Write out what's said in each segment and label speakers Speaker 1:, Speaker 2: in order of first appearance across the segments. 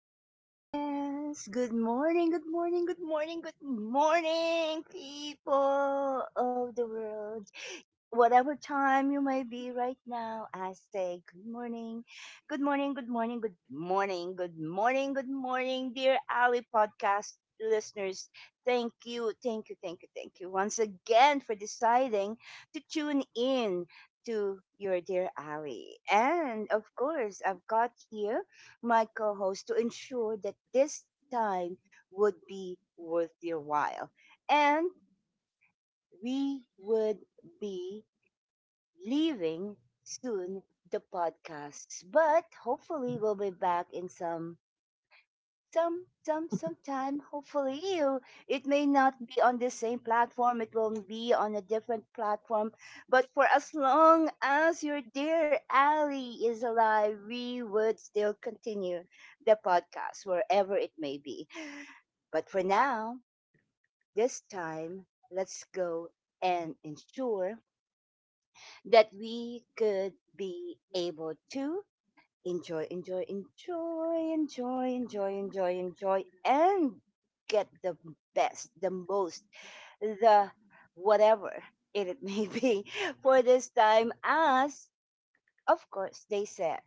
Speaker 1: Yes. Good morning, good morning, good morning, good morning, people of the world. Whatever time you may be right now, I say good morning, good morning, good morning, good morning, good morning, good morning, dear Ali podcast listeners. Thank you, thank you, thank you, thank you once again for deciding to tune in to your dear Ali. And of course, I've got here my co host to ensure that this time would be worth your while. And we would be leaving soon the podcast, but hopefully, we'll be back in sometime. Hopefully you it may not be on the same platform, it will be on a different platform, but for as long as your dear Ali is alive, we would still continue the podcast wherever it may be. But for now, this time, let's go and ensure that we could be able to enjoy, enjoy, enjoy, enjoy, enjoy, enjoy, enjoy, and get the best, the most, the whatever it may be for this time, as of course, they said,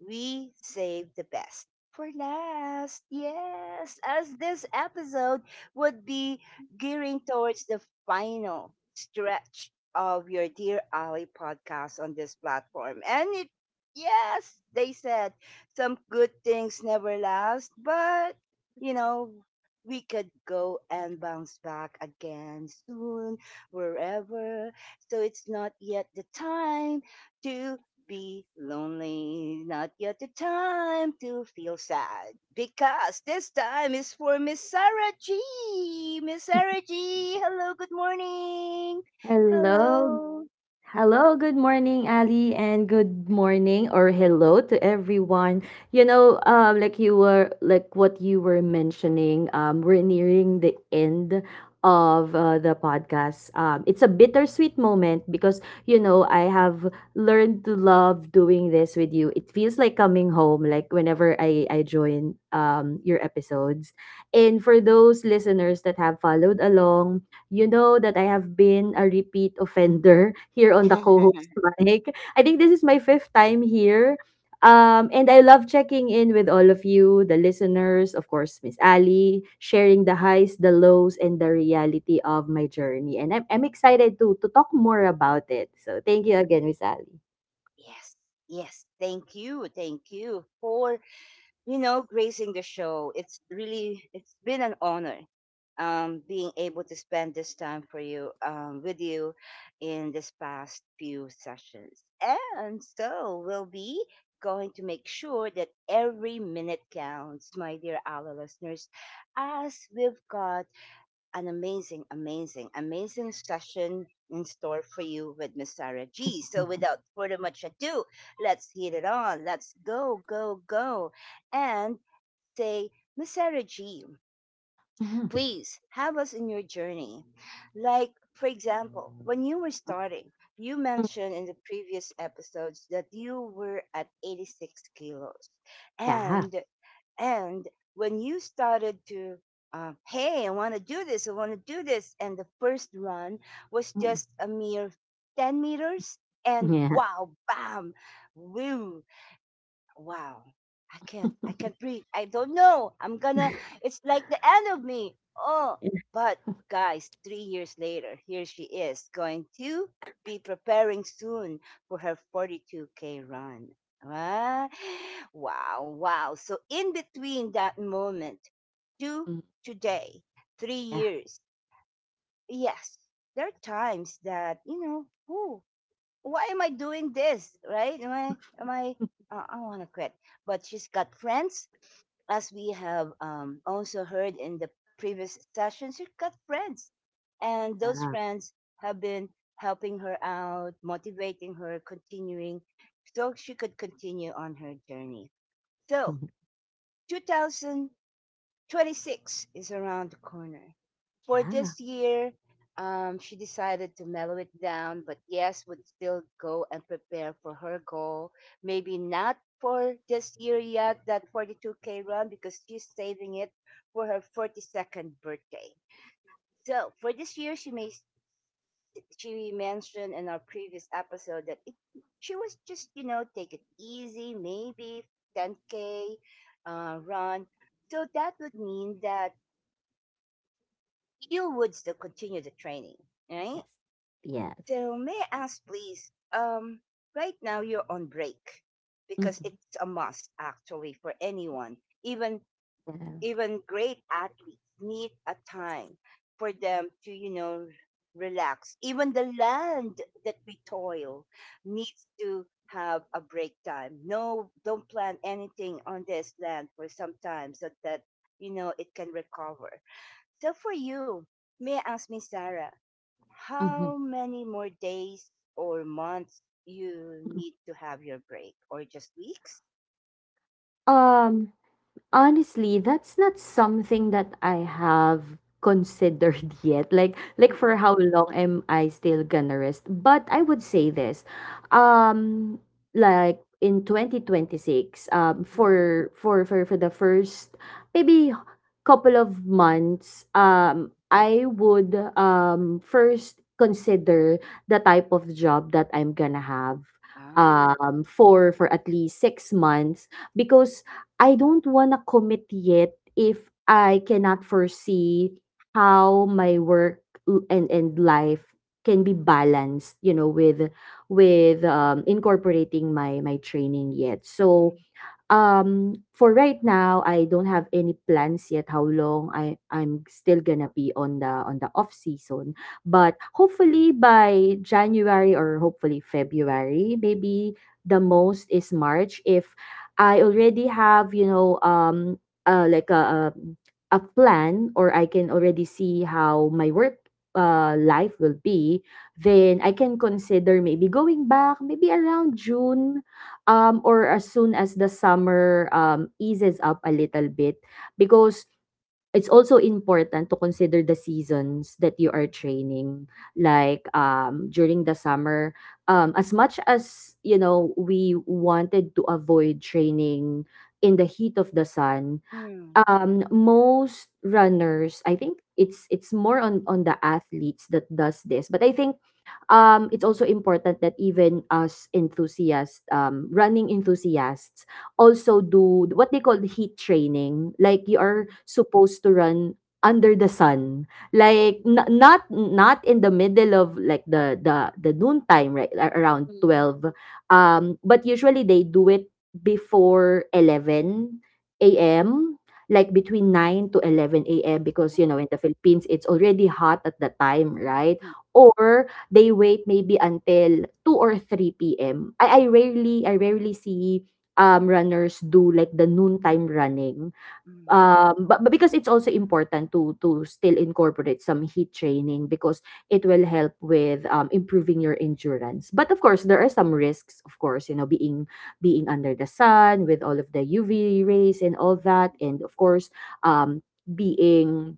Speaker 1: we save the best for last. Yes, as this episode would be gearing towards the final stretch of your Dear Ali podcast on this platform. And it, yes, they said, some good things never last, but, you know, we could go and bounce back again soon, wherever. So it's not yet the time to be lonely. Not yet the time to feel sad. Because this time is for Miss Sarah G. Miss Sarah G. Hello, good morning.
Speaker 2: Hello.
Speaker 1: Hello.
Speaker 2: Hello, good morning, Ali, and good morning or hello to everyone. You know, like what you were mentioning, we're nearing the end of the podcast. It's a bittersweet moment because I have learned to love doing this with you. It feels like coming home. Like whenever I join your episodes, and for those listeners that have followed along, you know that I have been a repeat offender here on the co-host mic. I think this is my fifth time here. And I love checking in with all of you, the listeners, of course, Miss Ali, sharing the highs, the lows, and the reality of my journey. And I'm excited to talk more about it. So thank you again, Miss Ali.
Speaker 1: Yes. Yes, thank you. Thank you for, gracing the show. It's really it's been an honor being able to spend this time for you with you in this past few sessions. And so we'll be going to make sure that every minute counts, my dear Allah listeners, as we've got an amazing, amazing, amazing session in store for you with Miss Sarah G. So
Speaker 2: Mhm.
Speaker 1: without further much ado, let's hit it on. Let's go, go, go. And say, Miss Sarah G,
Speaker 2: Mhm.
Speaker 1: please have us in your journey. Like, for example, when you were starting, you
Speaker 2: Mm.
Speaker 1: mentioned in the previous episodes that you were at 86 kilos.
Speaker 2: Yeah.
Speaker 1: And, and when you started to, hey, I want to do this, I want to do this, and the first run was
Speaker 2: Mm.
Speaker 1: just a mere 10 meters, and
Speaker 2: Yeah.
Speaker 1: wow, bam, woo, wow, I can't, I can't breathe, I don't know, I'm gonna, it's like the end of me. Oh,
Speaker 2: Mm.
Speaker 1: but guys, 3 years later, here she is going to be preparing soon for her 42K run. Ah, wow, wow. So in between that moment to today, three
Speaker 2: Yeah.
Speaker 1: years yes, there are times that whew, why am I doing this? Right? I want to quit. But she's got friends, as we have also heard in the previous sessions. She's got friends. And those
Speaker 2: Yeah.
Speaker 1: friends have been helping her out, motivating her, continuing so she could continue on her journey. So 2026 is around the corner. For
Speaker 2: Yeah.
Speaker 1: this year, she decided to mellow it down, but yes, would still go and prepare for her goal. Maybe not for this year yet, that 42K run, because she's saving it for her 42nd birthday. So for this year, she may, she mentioned in our previous episode that it, she was just take it easy, maybe 10K run. So that would mean that you would still continue the training, right?
Speaker 2: Yes. Yes.
Speaker 1: So may I ask, please? Right now you're on break because
Speaker 2: Mm-hmm.
Speaker 1: it's a must actually for anyone, even
Speaker 2: Yeah.
Speaker 1: even great athletes need a time for them to relax. Even the land that we toil needs to have a break time. No, don't plan anything on this land for some time so that it can recover. So for you, may I ask, Miss Sarah?
Speaker 2: Mhm.
Speaker 1: How many more days or months you need to have your break or just weeks?
Speaker 2: Um, Honestly, that's not something that I have considered yet. Like for
Speaker 1: Mm-mm,
Speaker 2: how long am I still gonna rest? But I would say this. Um like in 2026,
Speaker 1: mm-mm,
Speaker 2: for the first maybe couple of months,
Speaker 1: mm-mm.
Speaker 2: I would first consider the type of job that I'm gonna have
Speaker 1: Ah,
Speaker 2: for at least 6 months, because I don't want to commit yet if I cannot foresee how my work and life can be balanced, with incorporating my training yet. So
Speaker 1: mm,
Speaker 2: for right now, I don't have any plans yet how long I'm still gonna be on the off season. But hopefully by January, or hopefully February, maybe the most is March, if I already have, like a plan, or I can already see how my work life will be, then I can consider maybe going back maybe around June, or as soon as the summer eases up a little bit. Because it's also important to consider the seasons that you are
Speaker 1: mm,
Speaker 2: training, like during the summer, as much as we wanted to avoid training in the heat of the sun, most runners, I think it's more on the athletes that does this, but I think it's also important that even us enthusiasts, running enthusiasts, also do what they call heat training. Like you are
Speaker 1: mhm.
Speaker 2: supposed to run under the sun,
Speaker 1: Oh,
Speaker 2: like not in the middle of, like, the noon time, right? Around
Speaker 1: mm,
Speaker 2: 12, but usually they do it before 11 a.m, like between 9 to 11 a.m, because
Speaker 1: mm,
Speaker 2: in the Philippines it's already hot at the time, right?
Speaker 1: mm,
Speaker 2: Or they wait maybe until 2 or 3 p.m. I rarely see runners do like the noontime running.
Speaker 1: mm,
Speaker 2: But because it's also important to still incorporate some heat training, because it will help with improving your endurance. But of course there are some risks, of course, being under the sun with all of the UV rays and all
Speaker 1: mm.
Speaker 2: that, and of course um being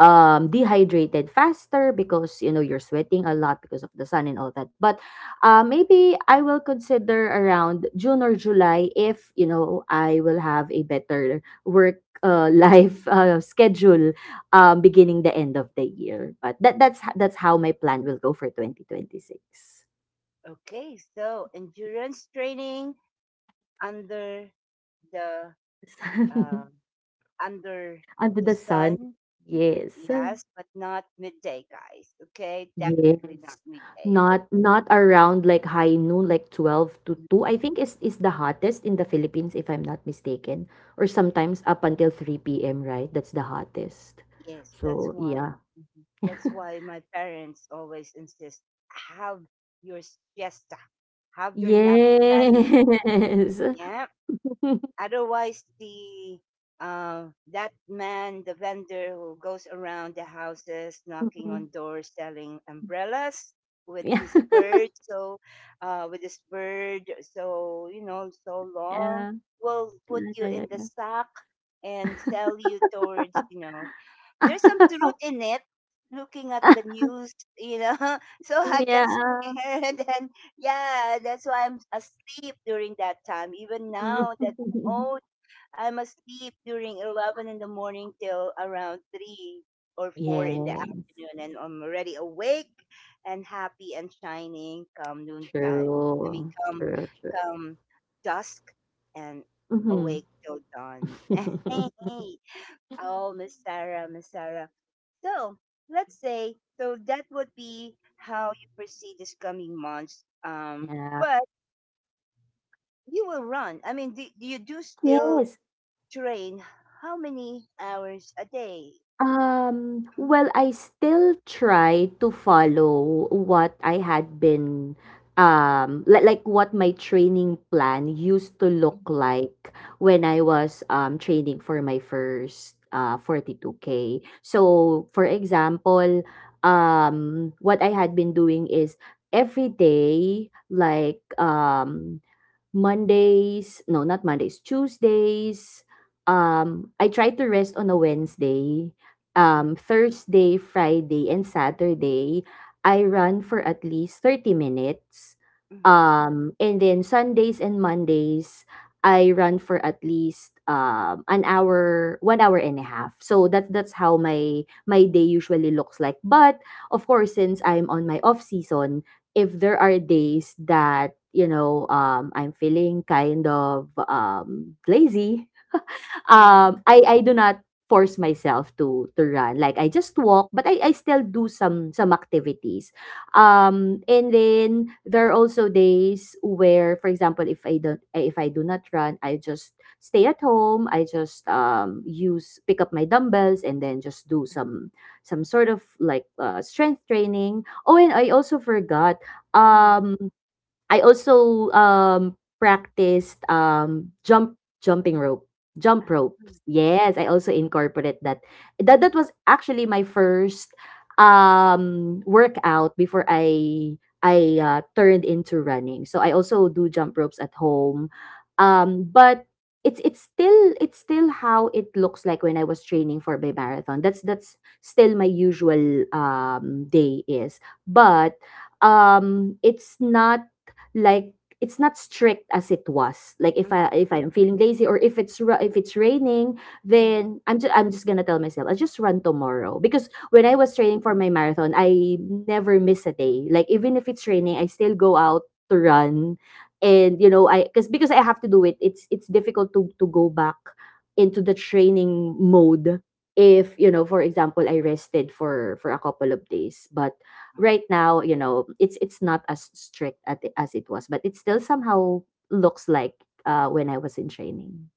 Speaker 2: dehydrated faster, because you're sweating a lot because of the sun and all that. But maybe I will consider around June or July, if I will have a better work life schedule beginning the end of the year. But that's how my plan will go for 2026.
Speaker 1: Okay, so endurance training under the uh, under
Speaker 2: Under
Speaker 1: the
Speaker 2: the sun,
Speaker 1: sun,
Speaker 2: yes.
Speaker 1: yes, but not midday, guys. Okay, definitely not
Speaker 2: Yes.
Speaker 1: midday, but
Speaker 2: Not around like high noon, like 12 to 2, I think, is the hottest in the Philippines, if I'm not mistaken. Or sometimes up until 3 p.m., right? That's the hottest.
Speaker 1: yes, that's
Speaker 2: So,
Speaker 1: one.
Speaker 2: yeah.
Speaker 1: Mhm. That's why my parents always insist have your siesta, have your nap time.
Speaker 2: Yes.
Speaker 1: Yeah. Otherwise, the that man, the vendor who goes around the houses knocking
Speaker 2: Mm-mm.
Speaker 1: on doors selling umbrellas with
Speaker 2: Yeah.
Speaker 1: his bird, so with his bird, so you know, so long will put
Speaker 2: Yeah.
Speaker 1: you
Speaker 2: Yeah. Yeah.
Speaker 1: in the
Speaker 2: Yeah.
Speaker 1: sack and sell you towards, there's some truth in it, looking at the news, you know so I got
Speaker 2: Yeah.
Speaker 1: scared, and then yeah, that's why I'm asleep during that time, even
Speaker 2: Mm.
Speaker 1: now that I'm old. I'm asleep during 11 in the morning till around 3 or 4 in the
Speaker 2: Yes.
Speaker 1: afternoon, and I'm already awake and happy and shining come noontime. I mean,
Speaker 2: True.
Speaker 1: come
Speaker 2: True. True.
Speaker 1: come dusk, and
Speaker 2: Mm-hmm.
Speaker 1: awake till dawn. Hey, hey. Oh, Miss Sarah, Miss Sarah, so let's say, so that would be how you proceed this coming months.
Speaker 2: Yeah.
Speaker 1: But you will run. I mean, do you do still
Speaker 2: Yes.
Speaker 1: train? How many hours a day? Mhm,
Speaker 2: Well, I still try to follow what I had been like what my training plan used to look like when I was training for my first 42k. So, for example, um what I had been doing is every day, like, Mondays, no, not Mondays, Tuesdays. I try to rest on a Wednesday. Thursday, Friday, and Saturday, I run for at least 30 minutes.
Speaker 1: mhm, mhm,
Speaker 2: And then Sundays and Mondays, I run for at least an hour, 1 hour and a half. So that's how my day usually looks like. But of course, since I'm on my off season, if there are days that I'm feeling kind of lazy,
Speaker 1: mhm,
Speaker 2: I do not force myself to run. Like I just walk, but I still do some activities. And then there are also days where, for example, if I do not run, I just stay at home. I just use pick up my dumbbells, and then just do some sort of, like, strength training. Oh, and I also forgot.
Speaker 1: mhm,
Speaker 2: Um, I also practiced jumping rope, jump
Speaker 1: ah, mhm,
Speaker 2: ropes. Yes, I also incorporate that. That was actually my first workout before I turned into running. So I also do jump ropes at home. But it's still how it looks like when I was training for my marathon. That's still my usual day is. But it's not, like, it's not strict as it was. Like
Speaker 1: mhm,
Speaker 2: if I'm feeling lazy, or if if it's raining,
Speaker 1: mhm,
Speaker 2: then I'm just gonna tell myself I'll just run tomorrow. Because when I
Speaker 1: mhm,
Speaker 2: was training for my marathon, I never miss a day, like even if it's raining I still go out to run. And you know I because I have to do it. It's difficult to go back into the training mode if, for example, I rested for a couple of days. But
Speaker 1: ah,
Speaker 2: right now, it's not as strict as it was, but it still somehow looks like when I was in training.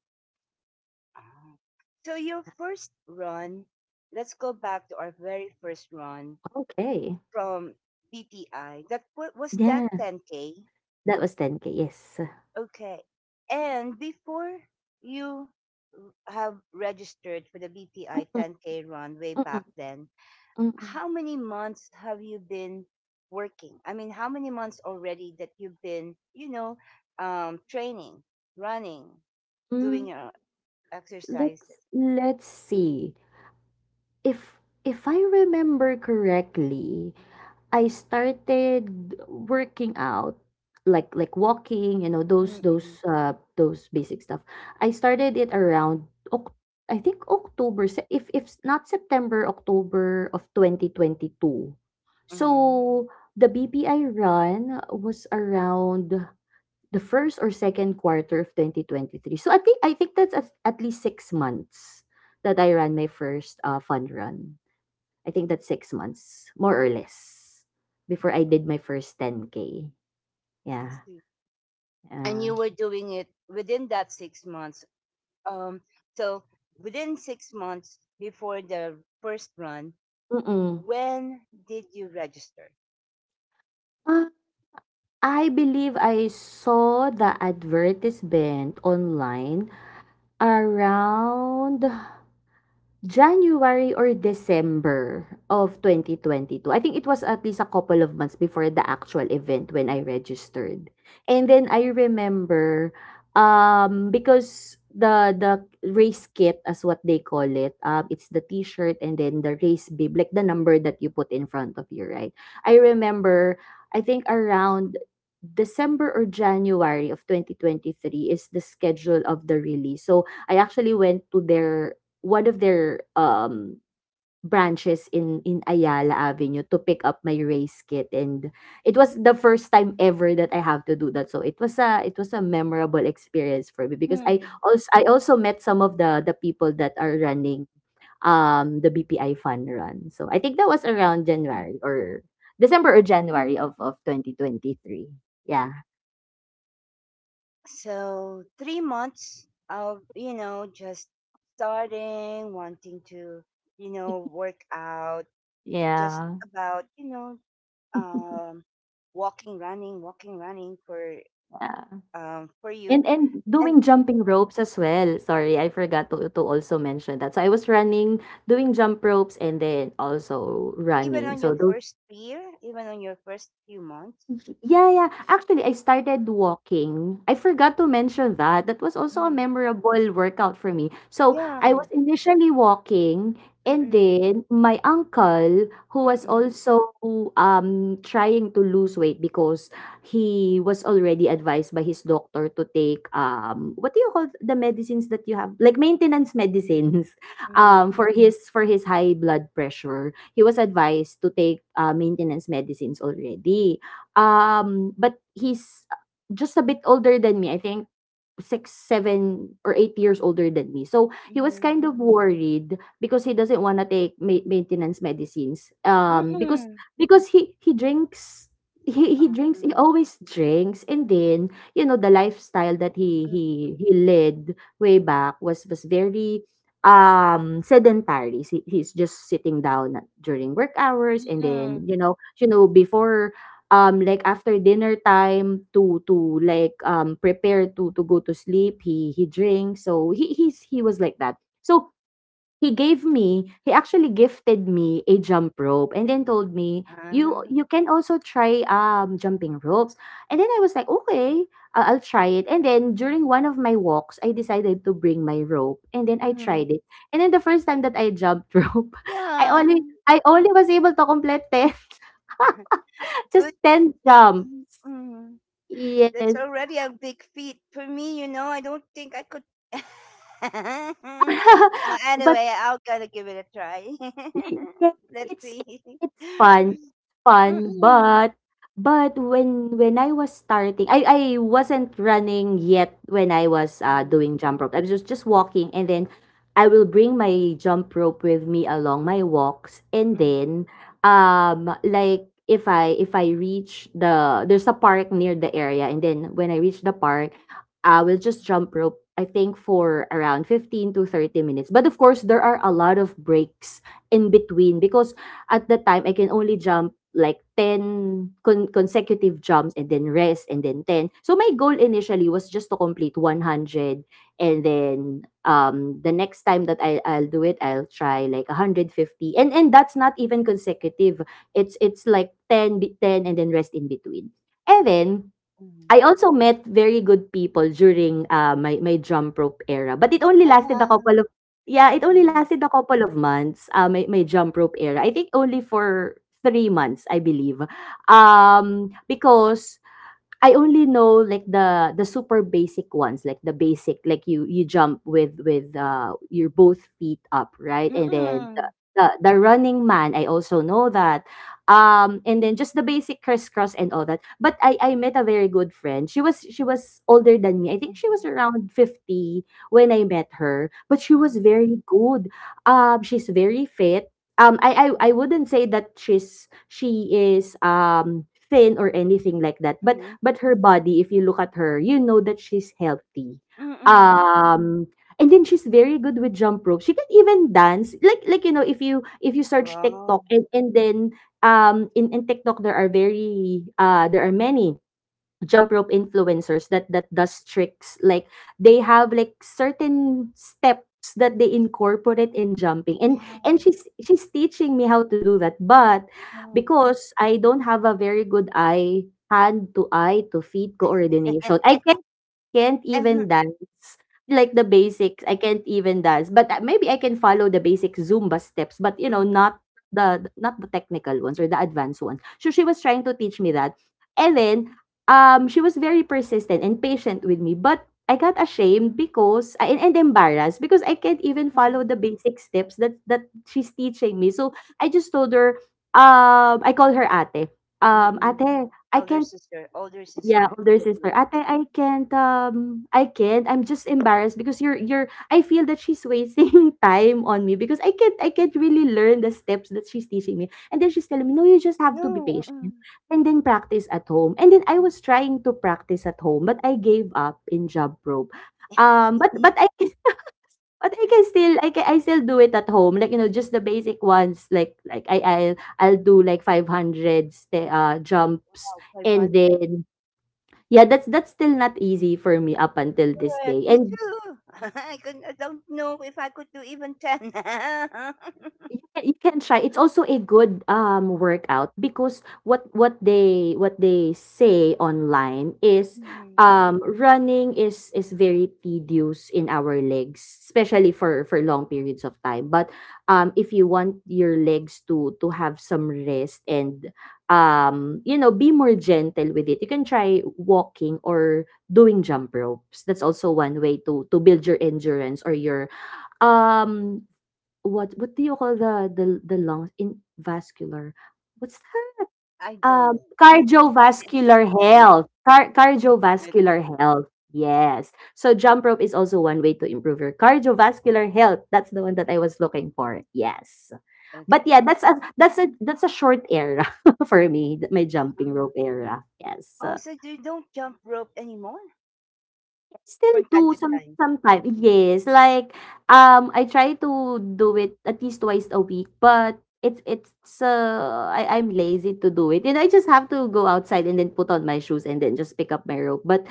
Speaker 1: ah. So your first run, let's go back to our very first run
Speaker 2: Okay.
Speaker 1: from BPI. That was that
Speaker 2: Yeah,
Speaker 1: 10K?
Speaker 2: that was 10k. Yes.
Speaker 1: Okay. And before you have registered for the BPI
Speaker 2: Mm-mm,
Speaker 1: 10K run way back
Speaker 2: mm-mm,
Speaker 1: then,
Speaker 2: mm-mm.
Speaker 1: how many months have you been working? I mean, how many months already that you've been, you know, training, running, doing
Speaker 2: Mm.
Speaker 1: your
Speaker 2: let's
Speaker 1: exercises?
Speaker 2: let's see, if I remember correctly, I started working out, like walking, those
Speaker 1: Mm-hmm.
Speaker 2: those uh those basic stuff. I started it around Oc- I think if not September, October of 2022. So
Speaker 1: Mm-hmm.
Speaker 2: the BPI run was around the first or second quarter of 2023. So I think that's at least 6 months that I ran my first fund run. I think that's 6 months, more or less, before I did my first 10k.
Speaker 1: I
Speaker 2: Yeah.
Speaker 1: see. And
Speaker 2: Uh,
Speaker 1: you were doing it within that 6 months. Um, so within 6 months before the first run,
Speaker 2: mm-mm.
Speaker 1: when did you register?
Speaker 2: Uh, I believe I saw the advertisement online around January or December of 2022. I think it was at least a couple of months before the actual event when I registered. And then I remember because the race kit, as what they call it, it's the t-shirt and then the race bib, like the number that you put in front of you, right? I remember, I think around December or January of 2023 is the schedule of the release. So I actually went to their one of their branches in Ayala Avenue to pick up my race kit, and it was the first time ever that I have to do that. So it was a memorable experience for me, because
Speaker 1: Hmm.
Speaker 2: I also met some of the people that are running the BPI fun run. So I think that was around January, or December, or January of 2023. Yeah.
Speaker 1: So 3 months of, just starting, wanting to, work out, just
Speaker 2: Yeah,
Speaker 1: about, um, walking, running
Speaker 2: yeah.
Speaker 1: for
Speaker 2: And
Speaker 1: you,
Speaker 2: and
Speaker 1: and
Speaker 2: doing jumping
Speaker 1: mm,
Speaker 2: ropes as well. Sorry, I forgot to also mention that. So I was running, doing jump ropes, and then also
Speaker 1: even
Speaker 2: running.
Speaker 1: on
Speaker 2: So
Speaker 1: your
Speaker 2: those.
Speaker 1: first year, even on your first few months,
Speaker 2: Yeah, yeah. Actually, I started walking. I forgot to mention that. That was also a
Speaker 1: mm,
Speaker 2: memorable workout for me. So I
Speaker 1: yeah,
Speaker 2: was initially walking, and
Speaker 1: mm-mm,
Speaker 2: then my uncle, who was
Speaker 1: mm-mm,
Speaker 2: also trying to lose weight, because he was already advised by his doctor to take what do you call the medicines that you have, like maintenance medicines,
Speaker 1: mm-mm,
Speaker 2: for his high blood pressure. He was advised to take maintenance medicines already. But he's just a bit older than me. I think 6, 7, or 8 years older than me. So he was
Speaker 1: mm-mm,
Speaker 2: kind of worried because he doesn't want to take maintenance medicines. Because
Speaker 1: mm-mm,
Speaker 2: because he drinks. He drinks. He
Speaker 1: uh-huh,
Speaker 2: always drinks. And then, you know, the lifestyle that he led way back was very sedentary. He's just sitting down during work hours, and then, you
Speaker 1: mm-mm,
Speaker 2: know you know before, like after dinner time, to like prepare to go to sleep, he drinks. So he was like that. So he actually gifted me a jump rope and then told me, you
Speaker 1: uh,
Speaker 2: you can also try jumping ropes. And then I was like, okay, I'll try it. And then during one of my walks I decided to bring my rope and then I
Speaker 1: mhm.
Speaker 2: tried it. And then the first time that I jumped rope, i
Speaker 1: Yeah,
Speaker 2: only i only was able to complete 10, just
Speaker 1: good.
Speaker 2: 10
Speaker 1: That,
Speaker 2: jumps.
Speaker 1: mm, mm,
Speaker 2: Yes.
Speaker 1: that's already a big feat for me. You know, I don't think I could. But
Speaker 2: But
Speaker 1: anyway, I'll gotta give it a try.
Speaker 2: Y yes,
Speaker 1: Let's
Speaker 2: it's
Speaker 1: see.
Speaker 2: it's fun,
Speaker 1: Mm-mm.
Speaker 2: but when I was starting, I wasn't running yet when I was
Speaker 1: Mm-mm.
Speaker 2: doing jump rope. I was just walking, and then I will bring my jump rope with me along my walks, and
Speaker 1: Mm,
Speaker 2: then like if I reach the there's a park near the area, and then when I reach the park, I will just jump rope. I think for around 15 to 30 minutes. But of course, there are a lot of breaks in between, because at the time I can only jump like 10 consecutive jumps, and then rest, and then 10. So my goal initially was just to complete 100, and then the next time that I'll do it, I'll try like 150. And that's not even consecutive. It's like 10, 10, and then rest in between. And then
Speaker 1: mm.
Speaker 2: I also met very good people during, my jump rope era, but it only lasted a
Speaker 1: Ah.
Speaker 2: couple of, yeah, it only
Speaker 1: Mm-mm.
Speaker 2: lasted a couple of months, my jump rope era. I think only for 3 months, I believe. Because I only know like the super basic ones, like the basic, like you jump with your both feet up, right? And then the
Speaker 1: Mm-mm.
Speaker 2: the, the running man, I also know that. And then just the basic crisscross and all that. But I met a very good friend. She was older than me. I think she was
Speaker 1: Mm-mm.
Speaker 2: around 50 when I met her. But she was
Speaker 1: Mm-mm.
Speaker 2: very good. She's very fit. I wouldn't say that she is thin or anything like that, but
Speaker 1: Mm,
Speaker 2: Her body, if you look at her, you know that she's healthy. Um, and then she's very good with jump rope. She can even dance. Like, you know, if you search TikTok,
Speaker 1: wow.
Speaker 2: and then in TikTok there are very there are many jump rope influencers that does tricks like they have like certain steps that they incorporate in jumping, and
Speaker 1: Wow.
Speaker 2: she's teaching me how to do that, but
Speaker 1: Wow.
Speaker 2: because I don't have a very good eye hand to eye to feet coordination, I can can't
Speaker 1: Uh-huh.
Speaker 2: even dance, like the basics, I can't even dance, but maybe I can follow the basic zumba steps, but you know,
Speaker 1: Mm-mm.
Speaker 2: not the technical ones or the advanced ones. So she was trying to teach me that. And then she was very persistent and patient with me, but I got ashamed because and embarrassed, because I can't even follow
Speaker 1: Mm-mm.
Speaker 2: the basic steps that she's teaching me, so I just told her, I call her ate.
Speaker 1: Mm-mm.
Speaker 2: Ate, I
Speaker 1: Elder
Speaker 2: can't.
Speaker 1: sister, older
Speaker 2: Yeah,
Speaker 1: sister
Speaker 2: older
Speaker 1: in the
Speaker 2: sister.
Speaker 1: Philippines.
Speaker 2: Ate, I can't, I can't. I'm just embarrassed because I feel that she's wasting time on me, because I can't really learn the steps that she's teaching me. And then she's telling me, no, you just have to be
Speaker 1: No,
Speaker 2: patient
Speaker 1: mm-mm.
Speaker 2: and then practice at home. And then I was trying to practice at home, but I gave up in job probe. But I can, but I can still, I still do it at home. Like, you know, just the basic ones, I'll do like 500 jumps,
Speaker 1: Wow,
Speaker 2: and
Speaker 1: 500.
Speaker 2: then, yeah, that's still not easy for me up until this
Speaker 1: Correct.
Speaker 2: day.
Speaker 1: Me
Speaker 2: And
Speaker 1: too. I could, I don't know if I could do even 10.
Speaker 2: you can try. It's also a good workout, because what they say online is,
Speaker 1: Mm,
Speaker 2: running is very tedious in our legs, especially for long periods of time. But if you want your legs to have some rest and you know, be more gentle with it, you can try walking or doing jump ropes. That's also one way to build your endurance or your um What do you call the lungs in vascular? What's that?
Speaker 1: I don't know.
Speaker 2: Cardiovascular
Speaker 1: Okay.
Speaker 2: health. Cardiovascular
Speaker 1: Okay.
Speaker 2: health. Yes. So jump rope is also one way to improve your cardiovascular health. That's the one that I
Speaker 1: Yeah.
Speaker 2: was looking for. Yes. But
Speaker 1: Okay.
Speaker 2: yeah, that's a short era for me, my jumping
Speaker 1: Ah.
Speaker 2: rope era. Yes.
Speaker 1: Oh, so you don't jump rope anymore
Speaker 2: Still
Speaker 1: from
Speaker 2: do
Speaker 1: time to time?
Speaker 2: sometime,
Speaker 1: Mhm.
Speaker 2: yes, like, I try to do it at least twice a week, but I'm lazy to do it, and I just have to go outside and then put on my shoes and then just pick up my rope, but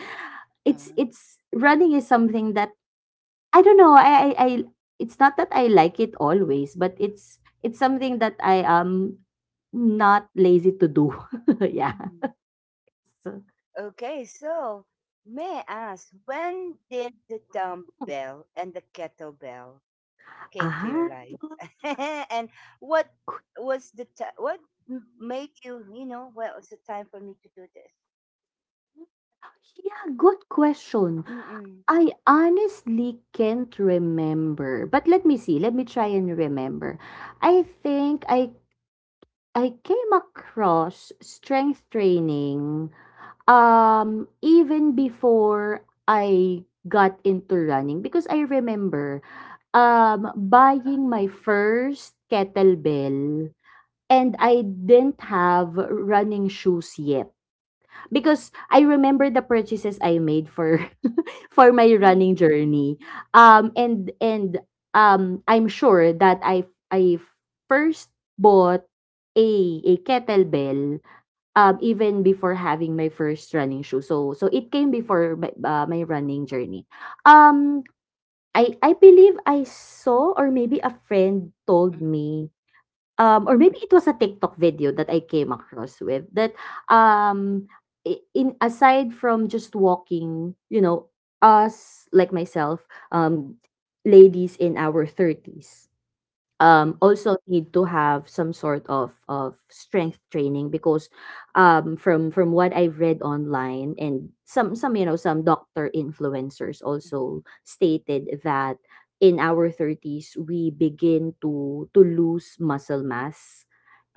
Speaker 1: Ah.
Speaker 2: it's running is something that I don't know, I it's not that I like it always, but it's something that I am not lazy to do. Yeah.
Speaker 1: Mhm.
Speaker 2: So
Speaker 1: Okay. So, may I ask, when did the dumbbell and the kettlebell came to your
Speaker 2: ah,
Speaker 1: life and what was the ti what made you, you know, well, it's the time for me to do this.
Speaker 2: yeah, good question.
Speaker 1: Mm-mm.
Speaker 2: I honestly can't remember, but let me see, let me try and remember. I think I came across strength training even before I got into running, because I remember buying my
Speaker 1: Um,
Speaker 2: first kettlebell, and I didn't have running shoes yet because I remember the purchases I made for for my
Speaker 1: mm,
Speaker 2: running journey. And I'm sure that I first bought a kettlebell even before having my first running shoe. So it came before my running journey. Um, I believe I saw, or maybe a friend told
Speaker 1: mm,
Speaker 2: me. Or maybe it was a TikTok video that I came across with, that, um, I in aside from just walking, you know, us, like myself, um, ladies in our thirties
Speaker 1: mm, mm,
Speaker 2: also need to have some sort of strength training, because from what I've read online, and some you know, some doctor influencers also stated that in our 30s we begin to lose muscle mass,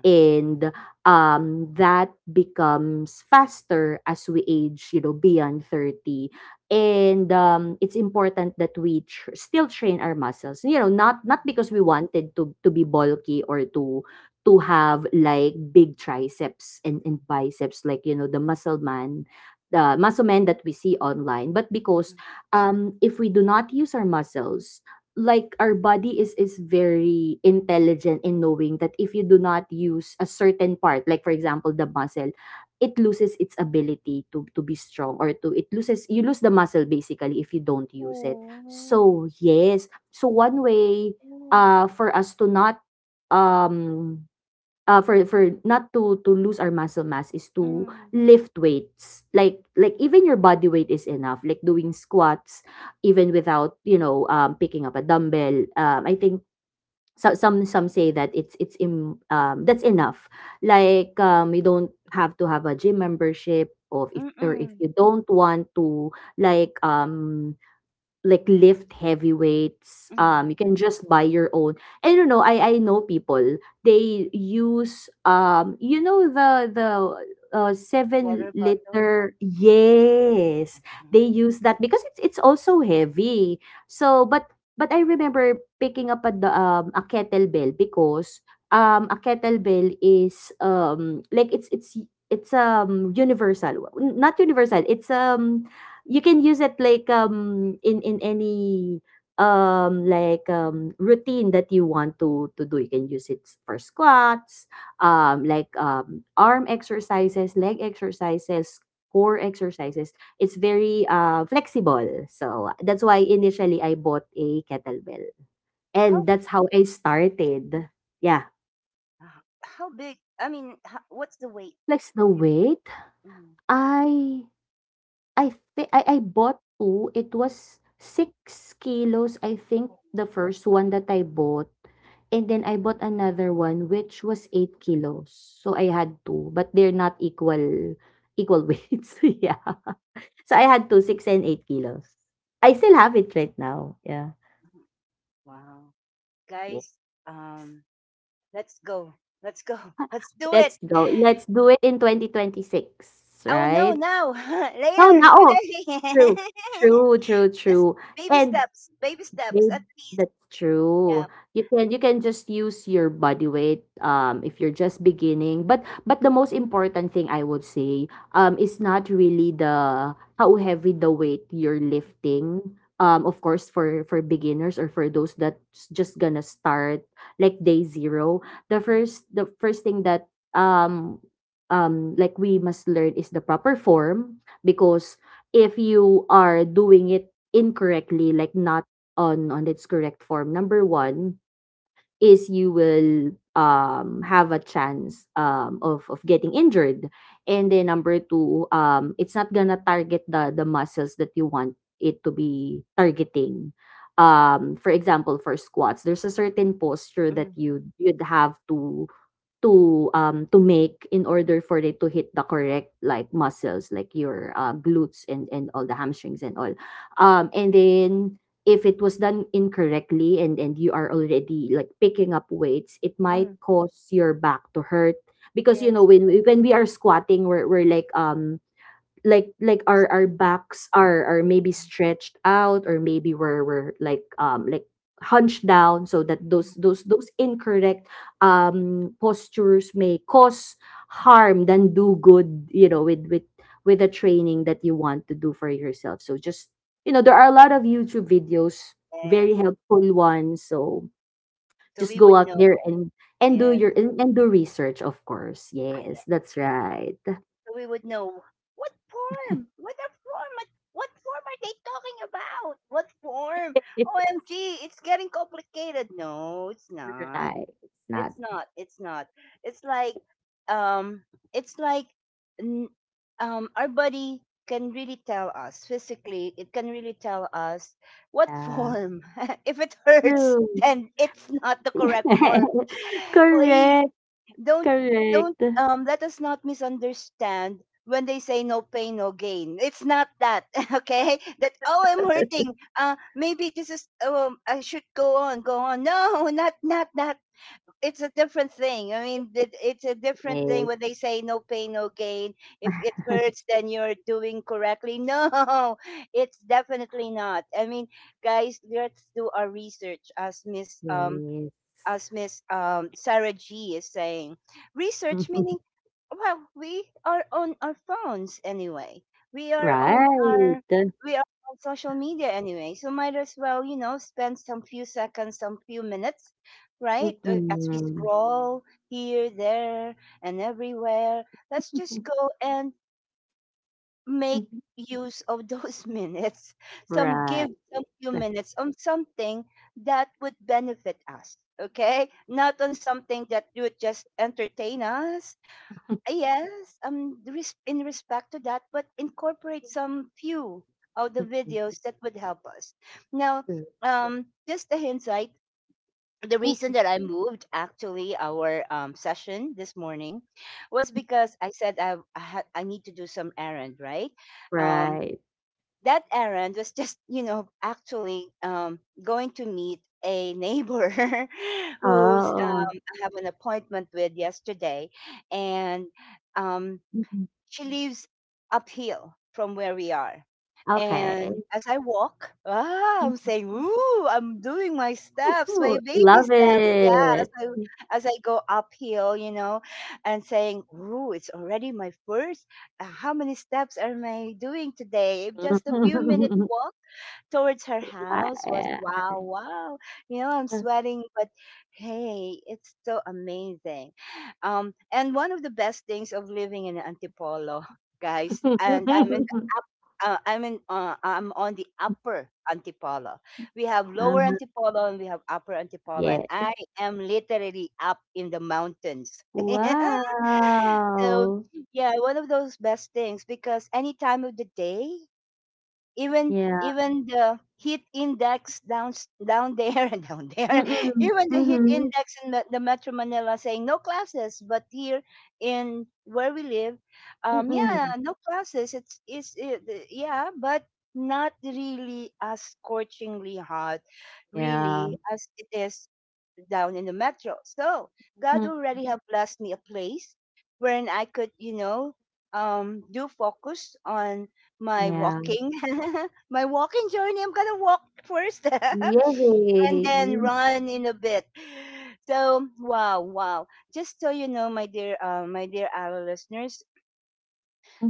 Speaker 1: uh,
Speaker 2: and that becomes faster as we age, you know, beyond 30. And it's important that we still train our muscles, you know, not
Speaker 1: mm,
Speaker 2: because we wanted to be bulky or to have like big triceps and biceps, like, you know, the muscle men that we see online, but because
Speaker 1: mm.
Speaker 2: if we do not use our muscles, like our body is very intelligent in knowing that if you do not use a certain part, like for example the muscle, it loses its ability to be strong, or to it loses you lose the muscle, basically, if you don't use it.
Speaker 1: Oh,
Speaker 2: So yes, so one way
Speaker 1: oh,
Speaker 2: for us to not um for not to lose our muscle mass is to
Speaker 1: mm,
Speaker 2: lift weights, even your body weight is enough, like doing squats
Speaker 1: mm,
Speaker 2: even
Speaker 1: mm,
Speaker 2: without, you know, picking up a dumbbell. I think, so, some say that that's enough, like, you don't have to have a gym membership, or if
Speaker 1: mm.
Speaker 2: you don't want to, like, lift heavy weights. You
Speaker 1: Mm.
Speaker 2: can just buy your own. And you know, I know people, they use you know, the seven
Speaker 1: Water bottle.
Speaker 2: liter. Yes, they use that because it's also heavy. So, but I remember picking up a kettlebell, because a kettlebell is like it's universal. Well, not universal, it's you can use it like in any like routine that you want to do. You can use it for squats, like arm exercises, leg exercises, core exercises. It's very flexible. So that's why initially I bought a kettlebell.
Speaker 1: How,
Speaker 2: And that's how I
Speaker 1: mm,
Speaker 2: started. Yeah.
Speaker 1: how big? I mean, how, what's the weight
Speaker 2: Flex the
Speaker 1: of your
Speaker 2: weight.
Speaker 1: mm.
Speaker 2: I I think I bought 2. It was 6 kilos, I think, the first one that I bought. And then I bought another one which was 8 kilos. So I had 2, but they're not equal weights. Yeah. So I had 2, 6 and 8 kilos. I still have it right now. Yeah.
Speaker 1: Wow,
Speaker 2: Wo
Speaker 1: guys, um, let's go. Let's go. Let's do it.
Speaker 2: Let's go. Let's do it in 2026,
Speaker 1: Oh no,
Speaker 2: right?
Speaker 1: now.
Speaker 2: No,
Speaker 1: Later.
Speaker 2: no. Oh,
Speaker 1: Today.
Speaker 2: true. True, true,
Speaker 1: Just
Speaker 2: true.
Speaker 1: baby
Speaker 2: And
Speaker 1: steps. Baby steps.
Speaker 2: maybe
Speaker 1: At least.
Speaker 2: that's true.
Speaker 1: Yeah.
Speaker 2: You can just use your body weight if you're just beginning. But the most important thing I would say, is not really the how heavy the weight you're lifting. Of course, for beginners or for those that's just gonna start like day zero. The
Speaker 1: Mhm.
Speaker 2: first the first thing that like we must learn is the proper form, because if you are doing it incorrectly, like not on its correct form. Number one is you will have a chance of getting injured. And then number two, it's not gonna target the muscles that you want it to be targeting. For example, for squats, there's a certain posture that
Speaker 1: Mhm.
Speaker 2: you'd have to to make in order for it to hit the correct, like, muscles, like your glutes and all the hamstrings and all, and then if it was done incorrectly and you are already, like, picking up weights, it might
Speaker 1: Mhm.
Speaker 2: cause your back to hurt. Because, you know,
Speaker 1: Yes.
Speaker 2: when we are squatting, we're like, like
Speaker 1: You
Speaker 2: our
Speaker 1: see.
Speaker 2: backs are maybe
Speaker 1: Mhm.
Speaker 2: stretched out, or maybe we're like, like hunched down, so that those
Speaker 1: Mhm.
Speaker 2: those those incorrect postures may cause harm than do good, you know, with with the training that you want to do for yourself. So just, you know, there are a lot of YouTube videos,
Speaker 1: Yes.
Speaker 2: very helpful ones. So
Speaker 1: So we
Speaker 2: just
Speaker 1: would
Speaker 2: go out
Speaker 1: know.
Speaker 2: there and do
Speaker 1: Yes.
Speaker 2: your and do research, of course.
Speaker 1: Ah,
Speaker 2: Yes,
Speaker 1: yes.
Speaker 2: that's right.
Speaker 1: So we would know what form? What a form? What form are they talking about? What form? OMG, it's getting complicated. No, it's not.
Speaker 2: Right, it's not.
Speaker 1: It's not. It's not. It's like um, it's like n- um, our body can really tell us physically, it can really tell us what
Speaker 2: Yeah,
Speaker 1: form. If it hurts,
Speaker 2: true.
Speaker 1: then it's not the correct form. Please
Speaker 2: Correct,
Speaker 1: don't, don't
Speaker 2: correct.
Speaker 1: um let us not misunderstand when they say no pain, no gain. It's not that. Okay, that, oh, I'm hurting, uh, maybe this is um, I should go on, go on, no, not that. It's a different thing. I mean, It's a different thing
Speaker 2: Yes,
Speaker 1: when they say no pain, no gain. If it hurts, then you're doing correctly. No, it's definitely not. I mean, guys, let's do our research, as Miss
Speaker 2: yes.
Speaker 1: Sarah G is saying, research
Speaker 2: Mhm.
Speaker 1: meaning, well, we are on our phones anyway. We are on
Speaker 2: Right.
Speaker 1: our we are social media anyway, so might as well, spend some few seconds, some few minutes, right? As we
Speaker 2: Mm-mm.
Speaker 1: scroll here, there, and everywhere, let's just go and make use of those minutes, some
Speaker 2: Right.
Speaker 1: give some few minutes on something that would benefit us. Okay, not on something that would just entertain us. Yes, in respect to that, but incorporate some few of the videos
Speaker 2: Mm-mm.
Speaker 1: that would help us now.
Speaker 2: True.
Speaker 1: Just a hindsight, the reason
Speaker 2: Mm-mm.
Speaker 1: that I moved actually our session this morning was because I said I, had, I need to do some errand, right? um
Speaker 2: Right.
Speaker 1: that errand was just actually going to meet a neighbor who's
Speaker 2: Oh.
Speaker 1: I have an appointment with yesterday. And um,
Speaker 2: Mm-mm.
Speaker 1: she lives uphill from where we are.
Speaker 2: Okay.
Speaker 1: And as I walk, I'm saying, "Ooh, I'm doing my steps, my
Speaker 2: Ooh,
Speaker 1: baby
Speaker 2: love
Speaker 1: steps." Yeah, as
Speaker 2: it.
Speaker 1: I as I go uphill, and saying, "Ooh, it's already my first. How many steps am I doing today? Just a few minutes
Speaker 2: Mhm.
Speaker 1: walk" towards her house was
Speaker 2: Right.
Speaker 1: wow, wow. I'm sweating, but hey, it's so amazing. And one of the best things of living in Antipolo, guys, and I'm on the upper Antipolo. We have lower
Speaker 2: Uh-huh.
Speaker 1: Antipolo and we have upper Antipolo, and
Speaker 2: Yes.
Speaker 1: I am literally up in the mountains. So
Speaker 2: Wow.
Speaker 1: yeah, one of those best things because any time of the day, even
Speaker 2: Yeah.
Speaker 1: even the heat index down there and down there,
Speaker 2: Mm,
Speaker 1: even the heat
Speaker 2: mhm,
Speaker 1: index in the metro Manila saying no classes, but here in where we live, yeah,
Speaker 2: mm.
Speaker 1: no classes. It's yeah, but not really as scorchingly hot
Speaker 2: Yeah,
Speaker 1: really as it is down in the metro. So God
Speaker 2: mhm,
Speaker 1: already have blessed me a place wherein I could do focus on my
Speaker 2: yeah.
Speaker 1: walking my walking journey. I'm gonna walk first and then
Speaker 2: Yay!
Speaker 1: run in a bit. So wow, wow. Just so you know, my dear, our listeners,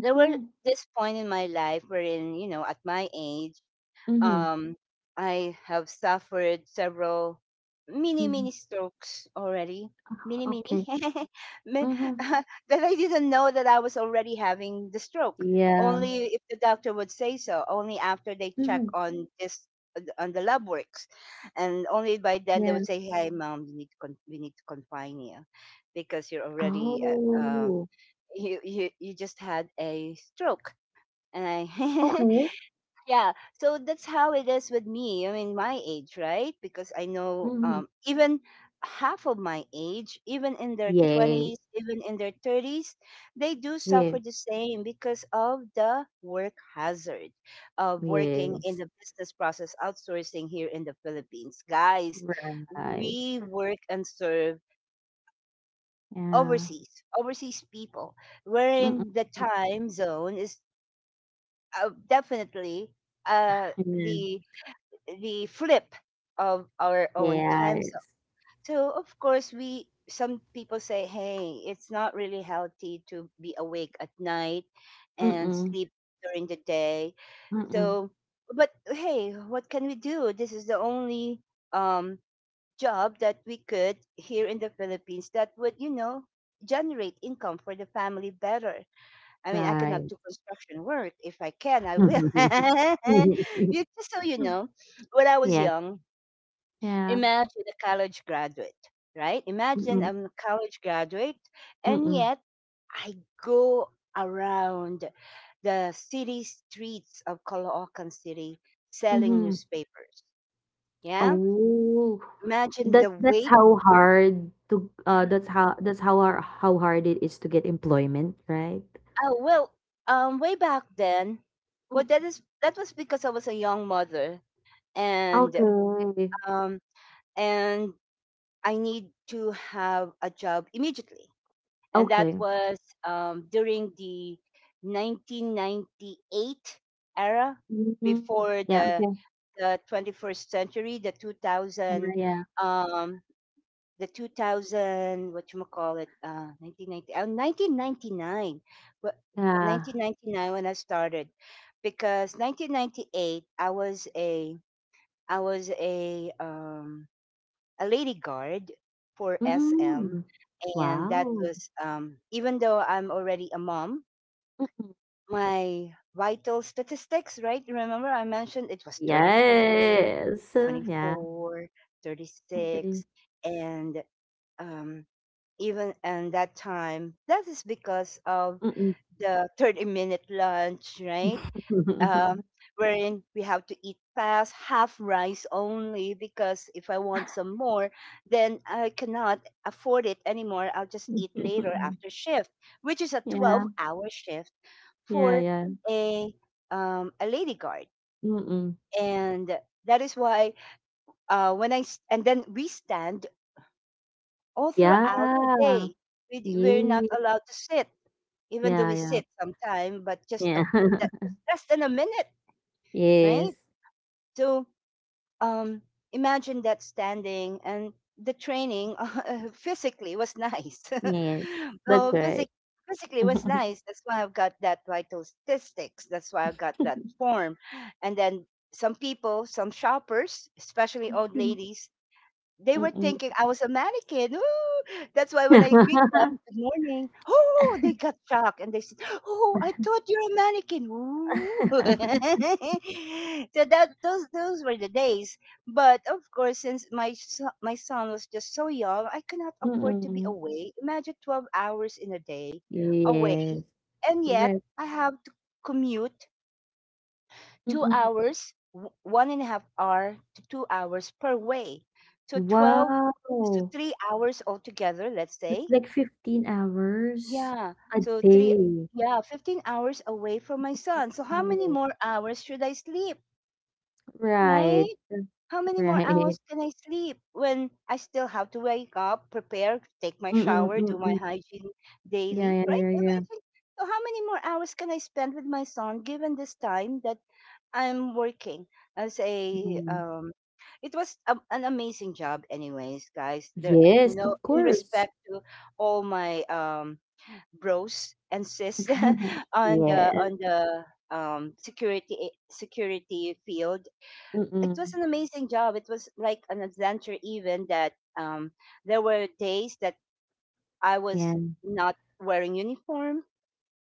Speaker 1: there were this point in my life wherein at my age,
Speaker 2: mhm,
Speaker 1: um, I have suffered several mini, mini
Speaker 2: mhm.
Speaker 1: strokes already. Mini, mini.
Speaker 2: Okay.
Speaker 1: Mi-
Speaker 2: Mhm.
Speaker 1: that I didn't know that I was already having the stroke.
Speaker 2: Yeah.
Speaker 1: Only if the doctor would say so, only after they
Speaker 2: Mhm,
Speaker 1: check on this on the lab works. And only by then
Speaker 2: yeah.
Speaker 1: they would say, "Hey mom, we need to confine you because you're already,
Speaker 2: Oh,
Speaker 1: you just had a stroke." And I
Speaker 2: okay.
Speaker 1: Yeah, so that's how it is with me. I mean, my age, right? Because I know,
Speaker 2: Mhm.
Speaker 1: even half of my age, even in their
Speaker 2: Yes,
Speaker 1: 20s, even in their 30s, they do
Speaker 2: yeah,
Speaker 1: suffer the same because of the work hazard of working
Speaker 2: yes.
Speaker 1: in the business process outsourcing here in the Philippines. Guys,
Speaker 2: Right.
Speaker 1: we work and serve
Speaker 2: Yeah.
Speaker 1: overseas, overseas people,
Speaker 2: Mm, mm.
Speaker 1: wherein the time zone is, definitely, uh
Speaker 2: Yeah.
Speaker 1: the the flip of our own time
Speaker 2: Yes.
Speaker 1: zone. So of course we some people say, "Hey, it's not really healthy to be awake at night and
Speaker 2: Mm,
Speaker 1: sleep during the day."
Speaker 2: mm.
Speaker 1: So but hey, what can we do? This is the only um job that we could here in the Philippines that would, generate income for the family better. I mean, I cannot
Speaker 2: Right.
Speaker 1: do construction work. If I can I will. you Just so you know, when I was
Speaker 2: Yes.
Speaker 1: young,
Speaker 2: Yeah.
Speaker 1: imagine a college graduate, right?
Speaker 2: Mm,
Speaker 1: Imagine
Speaker 2: mm.
Speaker 1: I'm a college graduate, and
Speaker 2: Mm.
Speaker 1: yet I go around the city streets of Caloocan City selling
Speaker 2: Mhm.
Speaker 1: newspapers. Yeah,
Speaker 2: Oh,
Speaker 1: imagine
Speaker 2: that
Speaker 1: the
Speaker 2: that's
Speaker 1: weight.
Speaker 2: how hard to, that's how, that's how har how hard it is to get employment, right?
Speaker 1: Oh well, way back then, well
Speaker 2: Mm.
Speaker 1: that was because I was a young mother, and,
Speaker 2: Okay.
Speaker 1: um, and I need to have a job immediately, and that
Speaker 2: Okay.
Speaker 1: was, during the 1998 era
Speaker 2: Mhm.
Speaker 1: before
Speaker 2: Yeah, okay.
Speaker 1: the 21st century, the
Speaker 2: Yeah,
Speaker 1: 2000,
Speaker 2: yeah.
Speaker 1: um, the 2000 what you call it, 1990, 1999, but
Speaker 2: Yeah.
Speaker 1: 1999 when I started, because 1998 I was a lady guard for SM,
Speaker 2: Mhm.
Speaker 1: and that
Speaker 2: Wow.
Speaker 1: was, even though I'm already a mom,
Speaker 2: Mm-mm.
Speaker 1: my vital statistics, right? Remember I mentioned it was 34,
Speaker 2: Yes. Yeah.
Speaker 1: 24,
Speaker 2: Okay.
Speaker 1: 36, and, um, even and that time, that is because of
Speaker 2: Mm-mm.
Speaker 1: the 30-minute lunch, right? um, Wherein we have to eat fast, half rice only, because if I want some more, then I cannot afford it anymore. I'll just eat later after shift, which is a
Speaker 2: Yeah.
Speaker 1: 12-hour shift
Speaker 2: Yeah,
Speaker 1: for
Speaker 2: yeah.
Speaker 1: a, a lady guard.
Speaker 2: Mm-mm.
Speaker 1: And that is why, and then we stand all
Speaker 2: Yeah.
Speaker 1: throughout the day. We're not
Speaker 2: Yay.
Speaker 1: allowed to sit, even though
Speaker 2: Yeah,
Speaker 1: we
Speaker 2: yeah.
Speaker 1: sit sometime, but just a,
Speaker 2: Yeah.
Speaker 1: that, less than a minute, right?
Speaker 2: Yes,
Speaker 1: So, um imagine that standing and the training, physically was nice.
Speaker 2: yes, that's
Speaker 1: So
Speaker 2: right.
Speaker 1: physically was nice. That's why I've got that vital statistics. That's why I've got that form. And then some shoppers, especially old
Speaker 2: Mm.
Speaker 1: ladies, they were thinking I was a mannequin. Ooh. That's why when I greet them, "Good morning," oh, they got shocked and they said, "Oh, I thought you're a mannequin." Ooh. So that those were the days. But of course, since my son was just so young, I could not afford to be
Speaker 2: Mm.
Speaker 1: away. Imagine 12 hours in a day away,
Speaker 2: Yes,
Speaker 1: and yet
Speaker 2: right.
Speaker 1: I have to commute two
Speaker 2: Mm.
Speaker 1: hours, 1.5 hour to 2 hours per way. So 12, so
Speaker 2: Wow!
Speaker 1: 3 hours altogether, let's say.
Speaker 2: That's like 15 hours
Speaker 1: Yeah.
Speaker 2: a
Speaker 1: So three,
Speaker 2: day.
Speaker 1: yeah, 15 hours away from my son. So how many
Speaker 2: Wow.
Speaker 1: more hours should I sleep,
Speaker 2: Right,
Speaker 1: right? How many more
Speaker 2: right.
Speaker 1: hours can I sleep when I still have to wake up, prepare, take my
Speaker 2: Mm,
Speaker 1: shower, do my
Speaker 2: mm.
Speaker 1: hygiene
Speaker 2: Yeah,
Speaker 1: daily,
Speaker 2: yeah,
Speaker 1: right?
Speaker 2: yeah, yeah.
Speaker 1: Imagine. So how many more hours can I spend with my son, given this time that I'm working as a,
Speaker 2: Mm.
Speaker 1: it was a, an amazing job anyways guys there,
Speaker 2: Yes, of
Speaker 1: in
Speaker 2: course.
Speaker 1: respect to all my, bros and sis,
Speaker 2: Yeah.
Speaker 1: on the security field. It was
Speaker 2: Mm.
Speaker 1: an amazing job, it was like an adventure, even that, there were days that I
Speaker 2: Yeah,
Speaker 1: was not wearing uniform,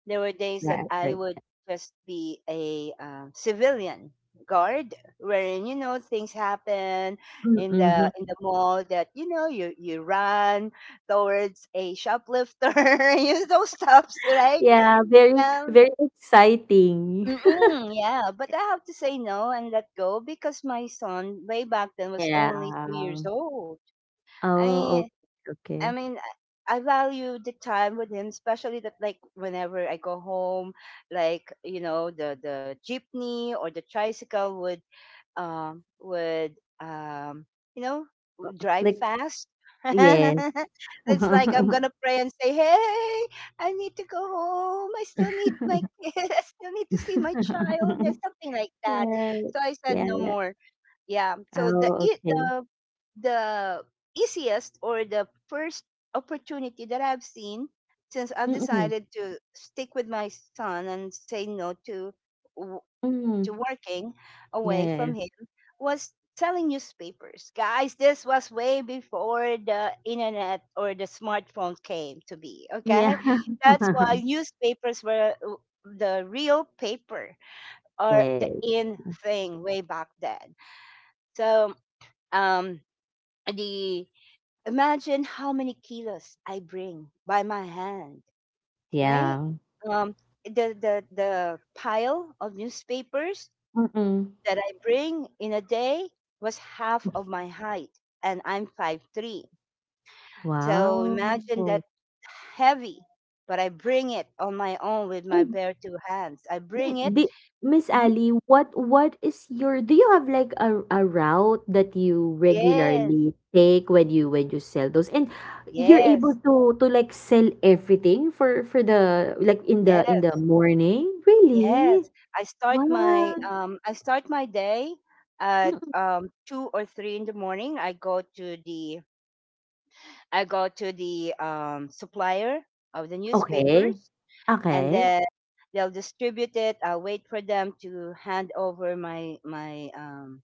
Speaker 1: there were days that
Speaker 2: right,
Speaker 1: I
Speaker 2: right.
Speaker 1: would just be a, civilian guard, wherein things happen
Speaker 2: Mm.
Speaker 1: in the mall that you run towards a shoplifter, you those stuffs, right?
Speaker 2: Yeah, very,
Speaker 1: Um,
Speaker 2: very exciting.
Speaker 1: mm-mm, yeah, but I have to say no and let go, because my son way back then was only two
Speaker 2: Yeah.
Speaker 1: years old.
Speaker 2: Oh,
Speaker 1: I
Speaker 2: okay,
Speaker 1: I
Speaker 2: okay.
Speaker 1: mean, I value the time with him, especially that, like, whenever I go home, like, the jeepney or the tricycle would um you know would drive
Speaker 2: Like,
Speaker 1: fast.
Speaker 2: yes.
Speaker 1: It's like I'm gonna pray and say, "Hey, I need to go home. I still need my kid. I still need to see my child," or something like that.
Speaker 2: Right.
Speaker 1: So I said
Speaker 2: Yeah,
Speaker 1: no
Speaker 2: yeah.
Speaker 1: more. Yeah. So the
Speaker 2: Oh,
Speaker 1: it
Speaker 2: okay.
Speaker 1: the the easiest or the first opportunity that I've seen, since I've
Speaker 2: Mm-mm.
Speaker 1: decided to stick with my son and say no to, w-
Speaker 2: Mm.
Speaker 1: to working
Speaker 2: Yeah,
Speaker 1: away
Speaker 2: yeah,
Speaker 1: from him, was selling newspapers. Guys, this was way before the internet or the smartphone came to be, okay?
Speaker 2: yeah.
Speaker 1: That's
Speaker 2: Yeah.
Speaker 1: why newspapers were, the real paper or the
Speaker 2: Yes.
Speaker 1: in thing way back then. So, um, the imagine how many kilos I bring by my hand, right?
Speaker 2: Yeah.
Speaker 1: Um, the pile of newspapers
Speaker 2: Mm-mm.
Speaker 1: that I bring in a day was half of my height, and I'm 5'3". So
Speaker 2: Wow.
Speaker 1: imagine that heavy, but I bring it on my own with my bare two hands. I bring
Speaker 2: Mi-
Speaker 1: it.
Speaker 2: Di, Miss
Speaker 1: Mhm.
Speaker 2: Ali, what is your, do you have like a route that you
Speaker 1: Yes,
Speaker 2: regularly take when you, when you sell those, and you're able
Speaker 1: yes,
Speaker 2: to like sell everything for the, like, in the
Speaker 1: yes.
Speaker 2: morning? Really?
Speaker 1: Yes,
Speaker 2: What?
Speaker 1: I start my day at,
Speaker 2: Mm-mm.
Speaker 1: 2 or 3 in the morning. I go to the, supplier of the
Speaker 2: Okay.
Speaker 1: newspapers, and
Speaker 2: Okay.
Speaker 1: then they'll distribute it. I'll wait for them to hand over my my um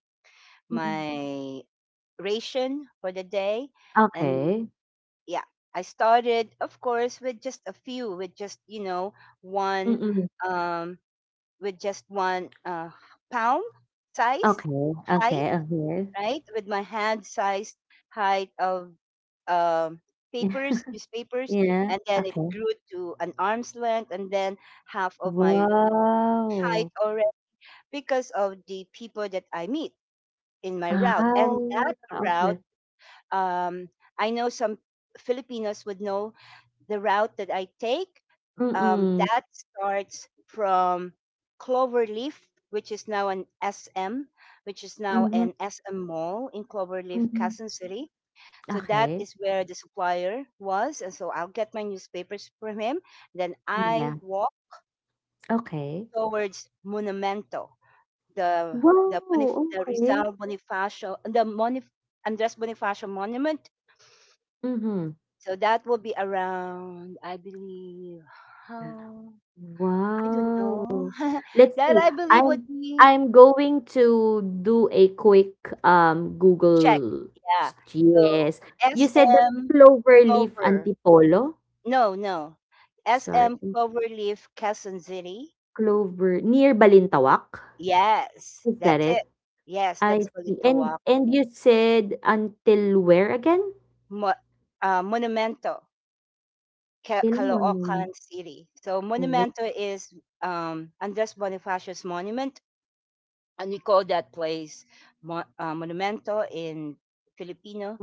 Speaker 2: Mm-mm.
Speaker 1: my ration for the day. And
Speaker 2: Okay.
Speaker 1: yeah, I started of course with just a few, one
Speaker 2: Mm-mm.
Speaker 1: um with just one, palm size
Speaker 2: Okay.
Speaker 1: height,
Speaker 2: Okay. Okay.
Speaker 1: right? With my hand size height of, um, papers, newspapers,
Speaker 2: Yeah.
Speaker 1: and then it
Speaker 2: Okay.
Speaker 1: grew to an arm's length, and then half of my height
Speaker 2: Wow.
Speaker 1: already because of the people that I meet in my route.
Speaker 2: Ah,
Speaker 1: And that
Speaker 2: okay.
Speaker 1: route, um, I know some Filipinos would know the route that I take.
Speaker 2: Mm-mm.
Speaker 1: That starts from Cloverleaf, which is now an SM, which is now
Speaker 2: Mhm,
Speaker 1: an SM mall in Cloverleaf,
Speaker 2: mhm.
Speaker 1: Quezon City. So that
Speaker 2: Okay.
Speaker 1: is where the supplier was. And so I'll get my newspapers from him. Then I
Speaker 2: Yeah,
Speaker 1: walk
Speaker 2: okay.
Speaker 1: towards Monumento, the
Speaker 2: Wow,
Speaker 1: The
Speaker 2: okey.
Speaker 1: Rizal Bonifacio, the Andres Bonifacio Monument.
Speaker 2: Mhm.
Speaker 1: So that will be around, I believe, how I don't
Speaker 2: Wow.
Speaker 1: know.
Speaker 2: Let's
Speaker 1: That
Speaker 2: see,
Speaker 1: I believe
Speaker 2: I'm
Speaker 1: would be
Speaker 2: going to do a quick,
Speaker 1: Czech.
Speaker 2: Google s
Speaker 1: Yeah. So
Speaker 2: yes. You said that
Speaker 1: SM
Speaker 2: Cloverleaf
Speaker 1: Clover.
Speaker 2: Antipolo?
Speaker 1: No, no.
Speaker 2: Sorry,
Speaker 1: SM Cloverleaf, Quezon City.
Speaker 2: Clover near Balintawak?
Speaker 1: Yes,
Speaker 2: Is that
Speaker 1: that's it.
Speaker 2: it?
Speaker 1: Yes,
Speaker 2: I
Speaker 1: that's
Speaker 2: see. And
Speaker 1: Balintawak.
Speaker 2: you said until where again?
Speaker 1: Mo- Monumento,
Speaker 2: Till monong
Speaker 1: Caloocan City. So
Speaker 2: wow.
Speaker 1: Monumento is, Andres Bonifacius Monument, and we call that place Monumento in Filipino.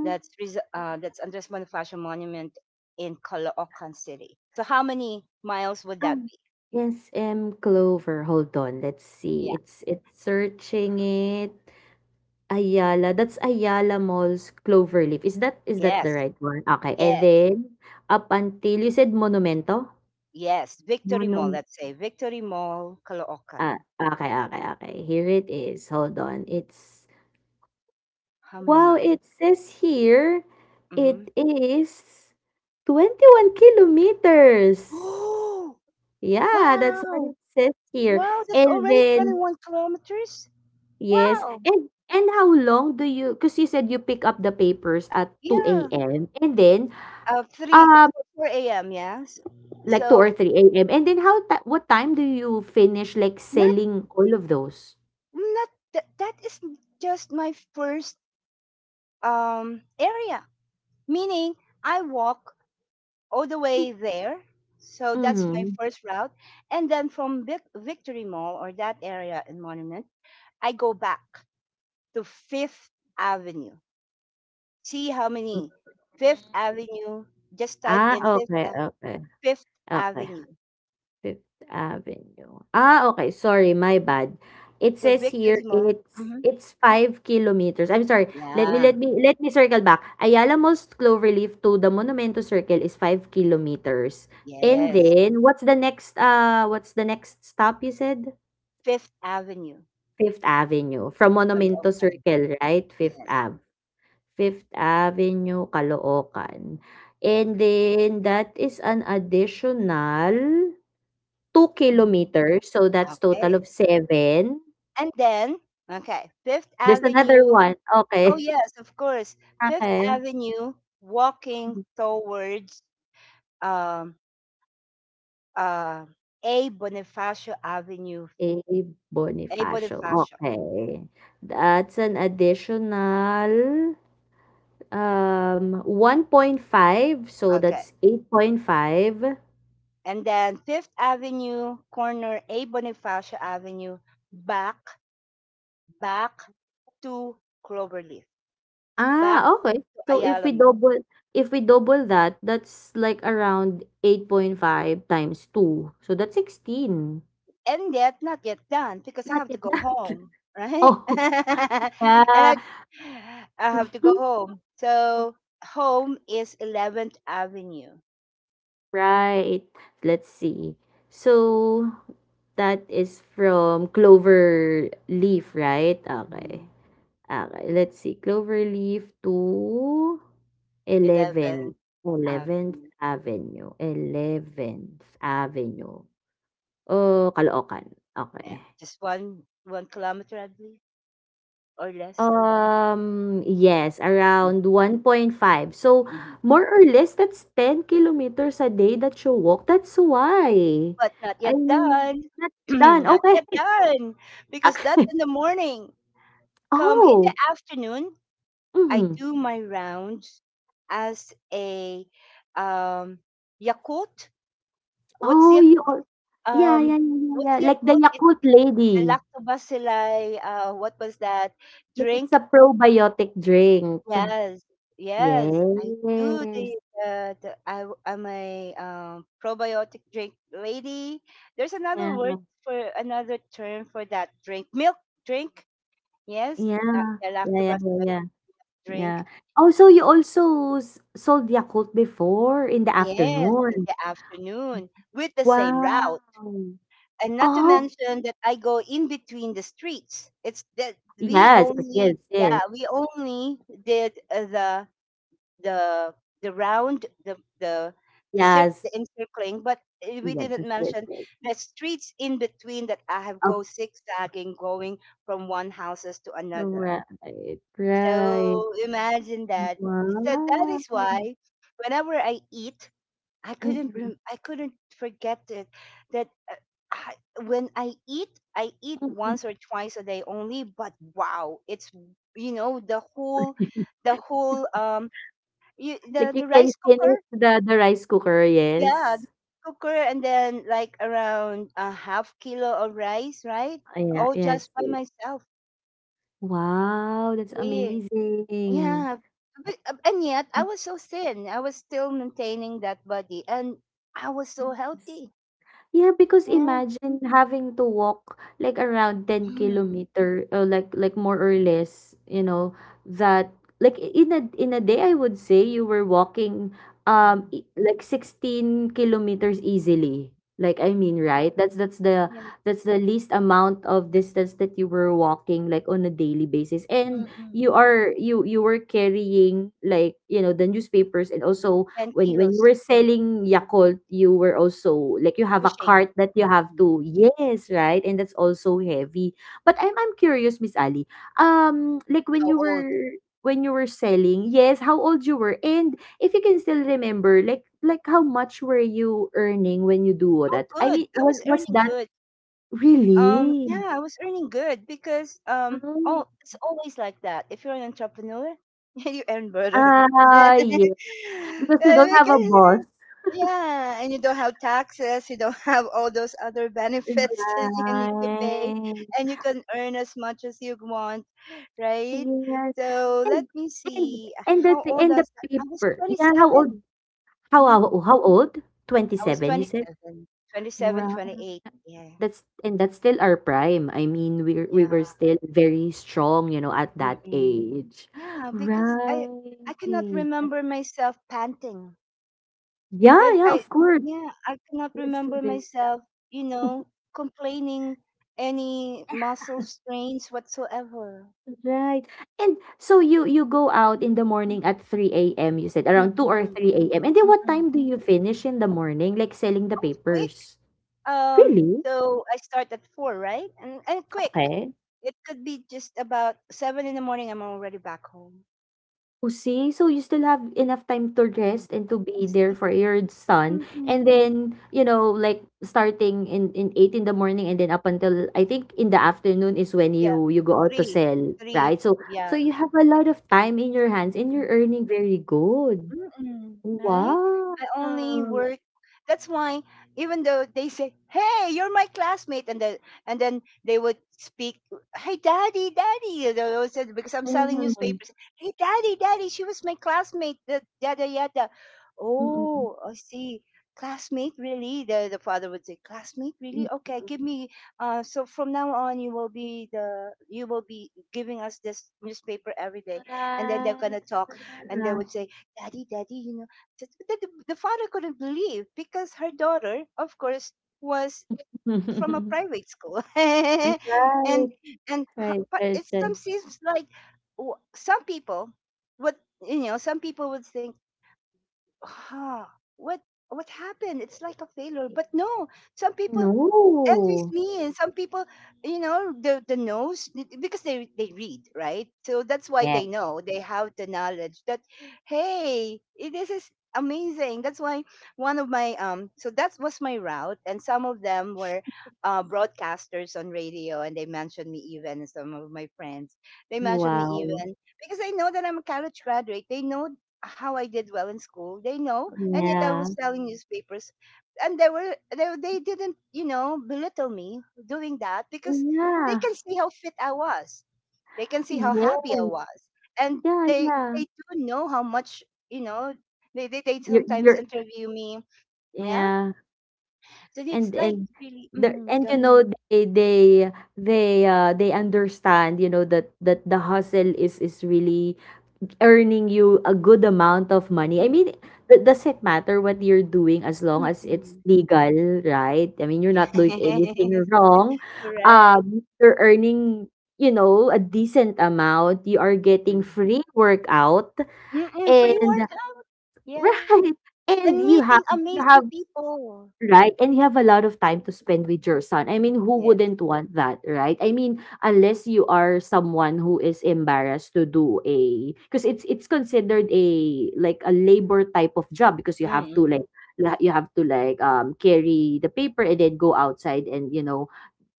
Speaker 1: That's Andres Bonifacio Monument in Caloocan City. So how many miles would that
Speaker 2: Um,
Speaker 1: be?
Speaker 2: yes, M. Clover. Hold on. Let's see.
Speaker 1: Yeah.
Speaker 2: It's searching it. Ayala. That's Ayala Mall's Cloverleaf. Is that, is that the
Speaker 1: Yes.
Speaker 2: right one? Okay. And
Speaker 1: Yes.
Speaker 2: then up until you said Monumento?
Speaker 1: Yes. Victory Mall.
Speaker 2: Monum
Speaker 1: Let's say Victory Mall,
Speaker 2: ah,
Speaker 1: Caloocan.
Speaker 2: okay, okay, okay. Here it is. Hold on. It's
Speaker 1: How many
Speaker 2: wow,
Speaker 1: miles?
Speaker 2: it says here
Speaker 1: Mm-hmm.
Speaker 2: it is 21 kilometers.
Speaker 1: Oh,
Speaker 2: Yeah, that's what
Speaker 1: wow!
Speaker 2: it says here.
Speaker 1: Wow, that's
Speaker 2: And
Speaker 1: already
Speaker 2: then
Speaker 1: 21 kilometers.
Speaker 2: yes,
Speaker 1: Wow.
Speaker 2: and how long do you, 'cause you said you pick up the papers at 2
Speaker 1: Yeah.
Speaker 2: AM and then,
Speaker 1: Three,
Speaker 2: um,
Speaker 1: four a.m. Yes.
Speaker 2: like two
Speaker 1: So
Speaker 2: or 3 a.m., and then how ti what time do you finish, like,
Speaker 1: not
Speaker 2: selling all of those?
Speaker 1: not that is just my first area, meaning I walk all the
Speaker 2: Hmm,
Speaker 1: way there, so that's my
Speaker 2: mhm.
Speaker 1: first route. And then from Victory Mall or that area in Monument, I go back to Fifth Avenue. See how
Speaker 2: Hmm.
Speaker 1: many. Fifth Avenue, just type
Speaker 2: Ah,
Speaker 1: in fifth,
Speaker 2: okay. Okay.
Speaker 1: Fifth
Speaker 2: Okay.
Speaker 1: Avenue.
Speaker 2: Fifth Avenue. Ah, okay, sorry, my bad. It
Speaker 1: So
Speaker 2: says here
Speaker 1: Victory Mall,
Speaker 2: it's
Speaker 1: hmm.
Speaker 2: 5 kilometers. I'm sorry, let me
Speaker 1: Yeah.
Speaker 2: circle back. Ayala Mall's Cloverleaf to the Monumento Circle is 5 kilometers. And
Speaker 1: Yes.
Speaker 2: then what's the next, ah, what's the next stop you said?
Speaker 1: Fifth Avenue,
Speaker 2: Fifth Avenue. From Monumento
Speaker 1: Caloocan.
Speaker 2: Circle, right? Fifth
Speaker 1: Yes.
Speaker 2: Ave. Fifth Avenue, Caloocan.
Speaker 1: Yeah.
Speaker 2: And then that is an additional two
Speaker 1: Mm-hmm.
Speaker 2: kilometers, so that's total
Speaker 1: Okay.
Speaker 2: of seven.
Speaker 1: And then, okay, Fifth
Speaker 2: There's another
Speaker 1: Avenue.
Speaker 2: one,
Speaker 1: Oh,
Speaker 2: okay,
Speaker 1: yes, of course. Fifth
Speaker 2: okay.
Speaker 1: Avenue walking towards um, uh, A Bonifacio Avenue.
Speaker 2: A
Speaker 1: A
Speaker 2: Bonifacio,
Speaker 1: Bonifacio.
Speaker 2: okay. That's an additional, 1.5, so
Speaker 1: Okay.
Speaker 2: that's 8.5.
Speaker 1: And then Fifth Avenue, corner A Bonifacio Avenue, back, back, to Cloverleaf, back
Speaker 2: Ah, okay.
Speaker 1: to
Speaker 2: So if
Speaker 1: Ayala
Speaker 2: we
Speaker 1: Mall.
Speaker 2: double, that, that's like around 8.5 times two, so that's 16.
Speaker 1: And yet not yet done because I
Speaker 2: Not
Speaker 1: have to
Speaker 2: yet.
Speaker 1: go home, right?
Speaker 2: Oh,
Speaker 1: And
Speaker 2: yeah.
Speaker 1: I have to go home. So home is 11th Avenue.
Speaker 2: Right. Let's see. So, that is from Clover Leaf, right? Okay.
Speaker 1: Mhm.
Speaker 2: Okay. Let's see. Clover Leaf to
Speaker 1: 11th
Speaker 2: Eleventh, Oh, 11th
Speaker 1: Avenue.
Speaker 2: Avenue. 11th Avenue. Oh, Caloocan.
Speaker 1: Yeah.
Speaker 2: Okay.
Speaker 1: Just one kilometer, I believe, or less.
Speaker 2: Yes,
Speaker 1: Mm,
Speaker 2: around 1.5. So,
Speaker 1: mhm.
Speaker 2: more or less, that's 10 kilometers a day that you walk. That's why.
Speaker 1: But not
Speaker 2: I
Speaker 1: yet
Speaker 2: mean,
Speaker 1: done.
Speaker 2: that's done.
Speaker 1: Not
Speaker 2: Okay.
Speaker 1: yet done. Because that's
Speaker 2: Okay.
Speaker 1: in the morning. Come in the
Speaker 2: Oh.
Speaker 1: afternoon, I
Speaker 2: Mm-hmm.
Speaker 1: do my rounds as a um Yakult. What's
Speaker 2: Oh,
Speaker 1: your
Speaker 2: you
Speaker 1: quote?
Speaker 2: al- Yeah, yeah,
Speaker 1: Um,
Speaker 2: yeah, yeah, yeah.
Speaker 1: what's your
Speaker 2: Like the
Speaker 1: quote? It's
Speaker 2: Yakult
Speaker 1: the
Speaker 2: Lady.
Speaker 1: lactobacilli. What was that
Speaker 2: Like it's
Speaker 1: drink?
Speaker 2: a probiotic drink.
Speaker 1: Yes, yes, I do. The,
Speaker 2: Yes.
Speaker 1: uh, the I w- I'm a probiotic drink lady. There's another
Speaker 2: Yeah.
Speaker 1: word for another term for that drink. Milk drink. Yes,
Speaker 2: Yeah.
Speaker 1: that, the
Speaker 2: Yeah, yeah,
Speaker 1: lactobacilli
Speaker 2: yeah, yeah. Yeah.
Speaker 1: drink.
Speaker 2: Oh, so you also sold Yakult before in the
Speaker 1: Yes, in
Speaker 2: afternoon.
Speaker 1: the afternoon with the same
Speaker 2: Wow.
Speaker 1: route. And not to
Speaker 2: Oh,
Speaker 1: mention that I go in between the streets. It's that we
Speaker 2: yes, yes,
Speaker 1: only,
Speaker 2: yes,
Speaker 1: yeah, we only did, the the round, the the the, cir-
Speaker 2: yes, yes,
Speaker 1: the encircling, but we
Speaker 2: yes, yes,
Speaker 1: didn't
Speaker 2: yes,
Speaker 1: mention
Speaker 2: yes.
Speaker 1: the streets in between that I have
Speaker 2: Of
Speaker 1: go zigzagging, going from one houses to another.
Speaker 2: right, right.
Speaker 1: So imagine that. So that
Speaker 2: Wow.
Speaker 1: is why whenever I eat,
Speaker 2: Mm-mm,
Speaker 1: I couldn't forget it. That I, when I eat, I eat
Speaker 2: mm-mm.
Speaker 1: once or twice a day only, but wow, it's, you know, the whole, the whole, you,
Speaker 2: Like you
Speaker 1: the
Speaker 2: can
Speaker 1: rice
Speaker 2: finish
Speaker 1: cooker,
Speaker 2: the rice cooker,
Speaker 1: yeah, the
Speaker 2: yes.
Speaker 1: cooker, and then like around a half kilo of rice, right,
Speaker 2: Ah, yeah,
Speaker 1: all just
Speaker 2: yes,
Speaker 1: by
Speaker 2: yes.
Speaker 1: myself.
Speaker 2: Wow, that's
Speaker 1: Yeah.
Speaker 2: amazing.
Speaker 1: Yeah, but and yet I was so thin. I was still maintaining that body, and I was so
Speaker 2: Yes.
Speaker 1: healthy.
Speaker 2: Yeah, because
Speaker 1: Yeah.
Speaker 2: imagine having to walk like around 10 kilometer, like more or less, you know, that, like, in a, in a day, I would say you were walking,
Speaker 1: Mm.
Speaker 2: like 16 kilometers easily. Like, I mean,
Speaker 1: Mhm.
Speaker 2: right? That's
Speaker 1: Yan,
Speaker 2: that's the least amount of distance that you were walking, like, on a daily basis. And
Speaker 1: mm,
Speaker 2: you are, you were carrying, like, you know, the newspapers, and also
Speaker 1: 10
Speaker 2: when you
Speaker 1: kilos,
Speaker 2: were selling Yakult, you were also, like, you have a
Speaker 1: pushing.
Speaker 2: cart that you have
Speaker 1: Mhm.
Speaker 2: to, yes, right? And that's also heavy. But I'm, curious, Miss Ali. Like when
Speaker 1: How
Speaker 2: you
Speaker 1: old?
Speaker 2: were, when you were selling, yes, how old you were, and if you can still remember, like how much were you earning when you do
Speaker 1: Oh,
Speaker 2: that? I
Speaker 1: good.
Speaker 2: mean,
Speaker 1: I
Speaker 2: was
Speaker 1: was
Speaker 2: was
Speaker 1: earning
Speaker 2: that
Speaker 1: good.
Speaker 2: really?
Speaker 1: Yeah, I was earning good because,
Speaker 2: Oh.
Speaker 1: oh, it's always like that. If you're an entrepreneur, you earn better.
Speaker 2: Ah, yeah, because you don't have a
Speaker 1: Because,
Speaker 2: boss.
Speaker 1: yeah, and you don't have taxes, you don't have all those other benefits that you need to pay,
Speaker 2: Right.
Speaker 1: and you can earn as much as you want, right?
Speaker 2: Yes,
Speaker 1: So let
Speaker 2: and
Speaker 1: me
Speaker 2: and
Speaker 1: see.
Speaker 2: and the
Speaker 1: How
Speaker 2: thi
Speaker 1: old
Speaker 2: and the
Speaker 1: was I? I was
Speaker 2: paper, yeah, how old,
Speaker 1: 27. Mhm.
Speaker 2: how old?
Speaker 1: I was
Speaker 2: 27, you
Speaker 1: twenty
Speaker 2: said?
Speaker 1: seven, twenty seven, twenty
Speaker 2: Right.
Speaker 1: eight. 27, 28.
Speaker 2: That's, and that's still our prime. I mean, we
Speaker 1: Yeah.
Speaker 2: were still very strong, you know, at that
Speaker 1: Mm.
Speaker 2: age.
Speaker 1: Yeah, because I
Speaker 2: Right.
Speaker 1: I cannot remember myself panting.
Speaker 2: Yeah,
Speaker 1: That
Speaker 2: yeah,
Speaker 1: I
Speaker 2: of course.
Speaker 1: Yeah, I cannot
Speaker 2: We're still
Speaker 1: remember
Speaker 2: very
Speaker 1: myself, you know, complaining any muscle strains whatsoever.
Speaker 2: right. And so you, go out
Speaker 1: Mm.
Speaker 2: in the morning at 3 a.m. You said around 2 or
Speaker 1: Mm-mm,
Speaker 2: 3 a.m. And then what
Speaker 1: mm-mm.
Speaker 2: time do you finish in the morning, like, selling the
Speaker 1: Oh, quick.
Speaker 2: papers?
Speaker 1: Um,
Speaker 2: Really?
Speaker 1: so I start at four, right? And quick.
Speaker 2: Okay.
Speaker 1: It could be just about seven in the morning. I'm already back home.
Speaker 2: Oh, see, so you still have enough time to
Speaker 1: Mm.
Speaker 2: rest and to
Speaker 1: And
Speaker 2: be there
Speaker 1: sleep.
Speaker 2: for your son. And
Speaker 1: Mm-mm.
Speaker 2: then, you know, like, starting in, 8 in the morning, and then up until, I think, in the afternoon is when
Speaker 1: Yeah,
Speaker 2: you go out to
Speaker 1: three,
Speaker 2: sell,
Speaker 1: three.
Speaker 2: right?
Speaker 1: Two.
Speaker 2: So,
Speaker 1: Yeah.
Speaker 2: so you have a lot of time in your hands and you're earning very good.
Speaker 1: Mm-mm, right?
Speaker 2: Wow.
Speaker 1: I only work. That's why, even though they say, "Hey, you're my classmate," and then they would speak, "Hey, daddy, daddy," they always said, because I'm selling
Speaker 2: Mhm.
Speaker 1: newspapers. Hey, daddy, daddy, she was my classmate. The yada yada.
Speaker 2: Mm-mm.
Speaker 1: Oh, I see. Classmate, really? The father would say, "Classmate, really? Okay, give me. So from now on, you will be the, you will be giving us this newspaper every day," and then they're
Speaker 2: Ah.
Speaker 1: gonna talk, and they would say daddy, daddy, the father couldn't believe because her daughter, of course, was from a private school, and
Speaker 2: Right,
Speaker 1: and
Speaker 2: right,
Speaker 1: ho- but
Speaker 2: right,
Speaker 1: it some seems like, some people would, think, ah, what what happened? It's like a failure,
Speaker 2: right.
Speaker 1: but no, some people
Speaker 2: No.
Speaker 1: envies me, and some people, the knows, because they read, right, so that's why
Speaker 2: Yes.
Speaker 1: they know, they have the knowledge that hey, this is amazing. That's why one of my So that was my route, and some of them were broadcasters on radio, and they mentioned me, even some of my friends, they mentioned me,
Speaker 2: Wow.
Speaker 1: even because they know that I'm a college graduate, they know how I did well in school, they know, and yet I
Speaker 2: Yeah.
Speaker 1: was selling newspapers, and they didn't, belittle me doing that, because they
Speaker 2: Yeah.
Speaker 1: can see how fit I was, they can see how
Speaker 2: Yes.
Speaker 1: happy I was, and
Speaker 2: Yeah,
Speaker 1: they
Speaker 2: yeah.
Speaker 1: they do know how much, you know they sometimes
Speaker 2: You're
Speaker 1: interview me. Yeah,
Speaker 2: yeah.
Speaker 1: so it's
Speaker 2: And
Speaker 1: like really.
Speaker 2: the and
Speaker 1: Go
Speaker 2: you
Speaker 1: ahead.
Speaker 2: know, they they they, they understand, you know, that, that the hustle is really earning you a good amount of money. I
Speaker 1: Mm,
Speaker 2: mean, does it matter what you're doing as long
Speaker 1: mm,
Speaker 2: as it's
Speaker 1: mm.
Speaker 2: legal, right? I mean, you're
Speaker 1: Yes.
Speaker 2: not doing anything wrong.
Speaker 1: Correct.
Speaker 2: You're earning, you know, a decent amount. You are
Speaker 1: Mm.
Speaker 2: getting free workout
Speaker 1: Mm-mm, free
Speaker 2: and
Speaker 1: workout. Yeah,
Speaker 2: right. And
Speaker 1: and
Speaker 2: you
Speaker 1: meeting
Speaker 2: have,
Speaker 1: amazing people.
Speaker 2: right, and you have a lot of time to spend with your son. I mean, who
Speaker 1: Yes,
Speaker 2: wouldn't want that, right? I mean, unless you are someone who is embarrassed to do a, because it's considered a, like a labor type of job, because you have to,
Speaker 1: mm-mm,
Speaker 2: like, you have to, like, carry the paper and then go outside and, you know,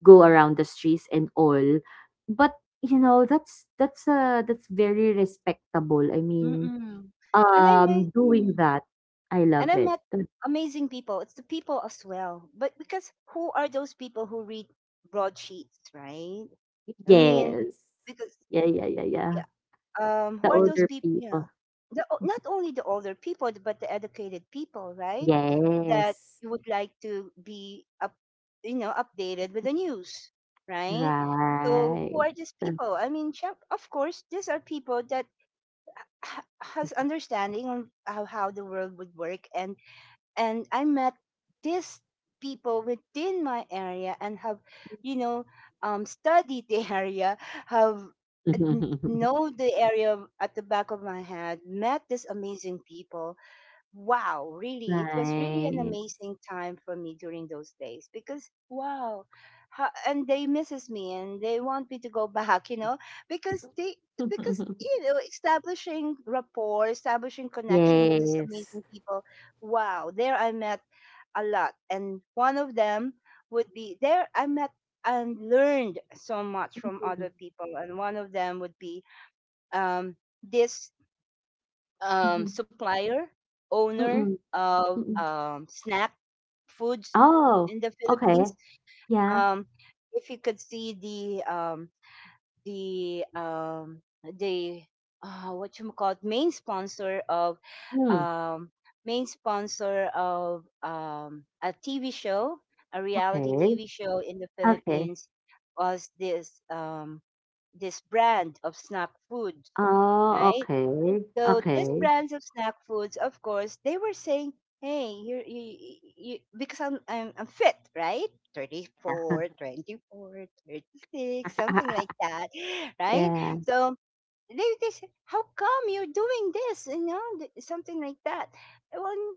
Speaker 2: go around the streets and all. But, you know, that's, that's very respectable. I mean,
Speaker 1: mm-mm. and i met
Speaker 2: doing that, I love
Speaker 1: And I
Speaker 2: it.
Speaker 1: met amazing people. It's the people as well. But because who are those people who read broadsheets, right? I mean,
Speaker 2: Yes.
Speaker 1: because
Speaker 2: Yeah, yeah, yeah, yeah.
Speaker 1: yeah, who
Speaker 2: The
Speaker 1: are those
Speaker 2: older
Speaker 1: people? Yeah,
Speaker 2: people.
Speaker 1: not only the older people, but the educated people, right? That
Speaker 2: Yes.
Speaker 1: you would like to be updated with the news, right? So who
Speaker 2: Right.
Speaker 1: are these people? I mean, sure, of course, these are people that has understanding on how the world would work, and I met these people within my area, and have, you know, studied the area, have uh, know the area at the back of my head, met these amazing people. Wow, really, it was really an
Speaker 2: Right.
Speaker 1: amazing time for me during those days because wow, ha, and they misses me, and they want me to go back, because they because you know establishing rapport, establishing connection with these
Speaker 2: Yes.
Speaker 1: amazing people. Wow, there I met a lot, and one of them would be, there I met and learned so much from
Speaker 2: Mhm,
Speaker 1: other people, and one of them would be um this
Speaker 2: mhm,
Speaker 1: supplier, owner
Speaker 2: mm,
Speaker 1: of
Speaker 2: mm.
Speaker 1: snack foods
Speaker 2: Oh,
Speaker 1: in the
Speaker 2: okay.
Speaker 1: Philippines.
Speaker 2: Yeah.
Speaker 1: Um, if you could see the, the um, the what you call it, main sponsor of,
Speaker 2: Hmm,
Speaker 1: um, a TV show, a reality
Speaker 2: okay.
Speaker 1: TV show in the
Speaker 2: Okay.
Speaker 1: Philippines was this brand of snack food,
Speaker 2: Oh,
Speaker 1: right?
Speaker 2: okay.
Speaker 1: So these
Speaker 2: Okay.
Speaker 1: brands of snack foods, of course, they were saying, "Hey, you, because I'm fit, right?
Speaker 2: Yeah.
Speaker 1: 34, 24, 36, something like that," right?
Speaker 2: Yeah.
Speaker 1: So they say, "How come you're doing this? You know, something like that." Well,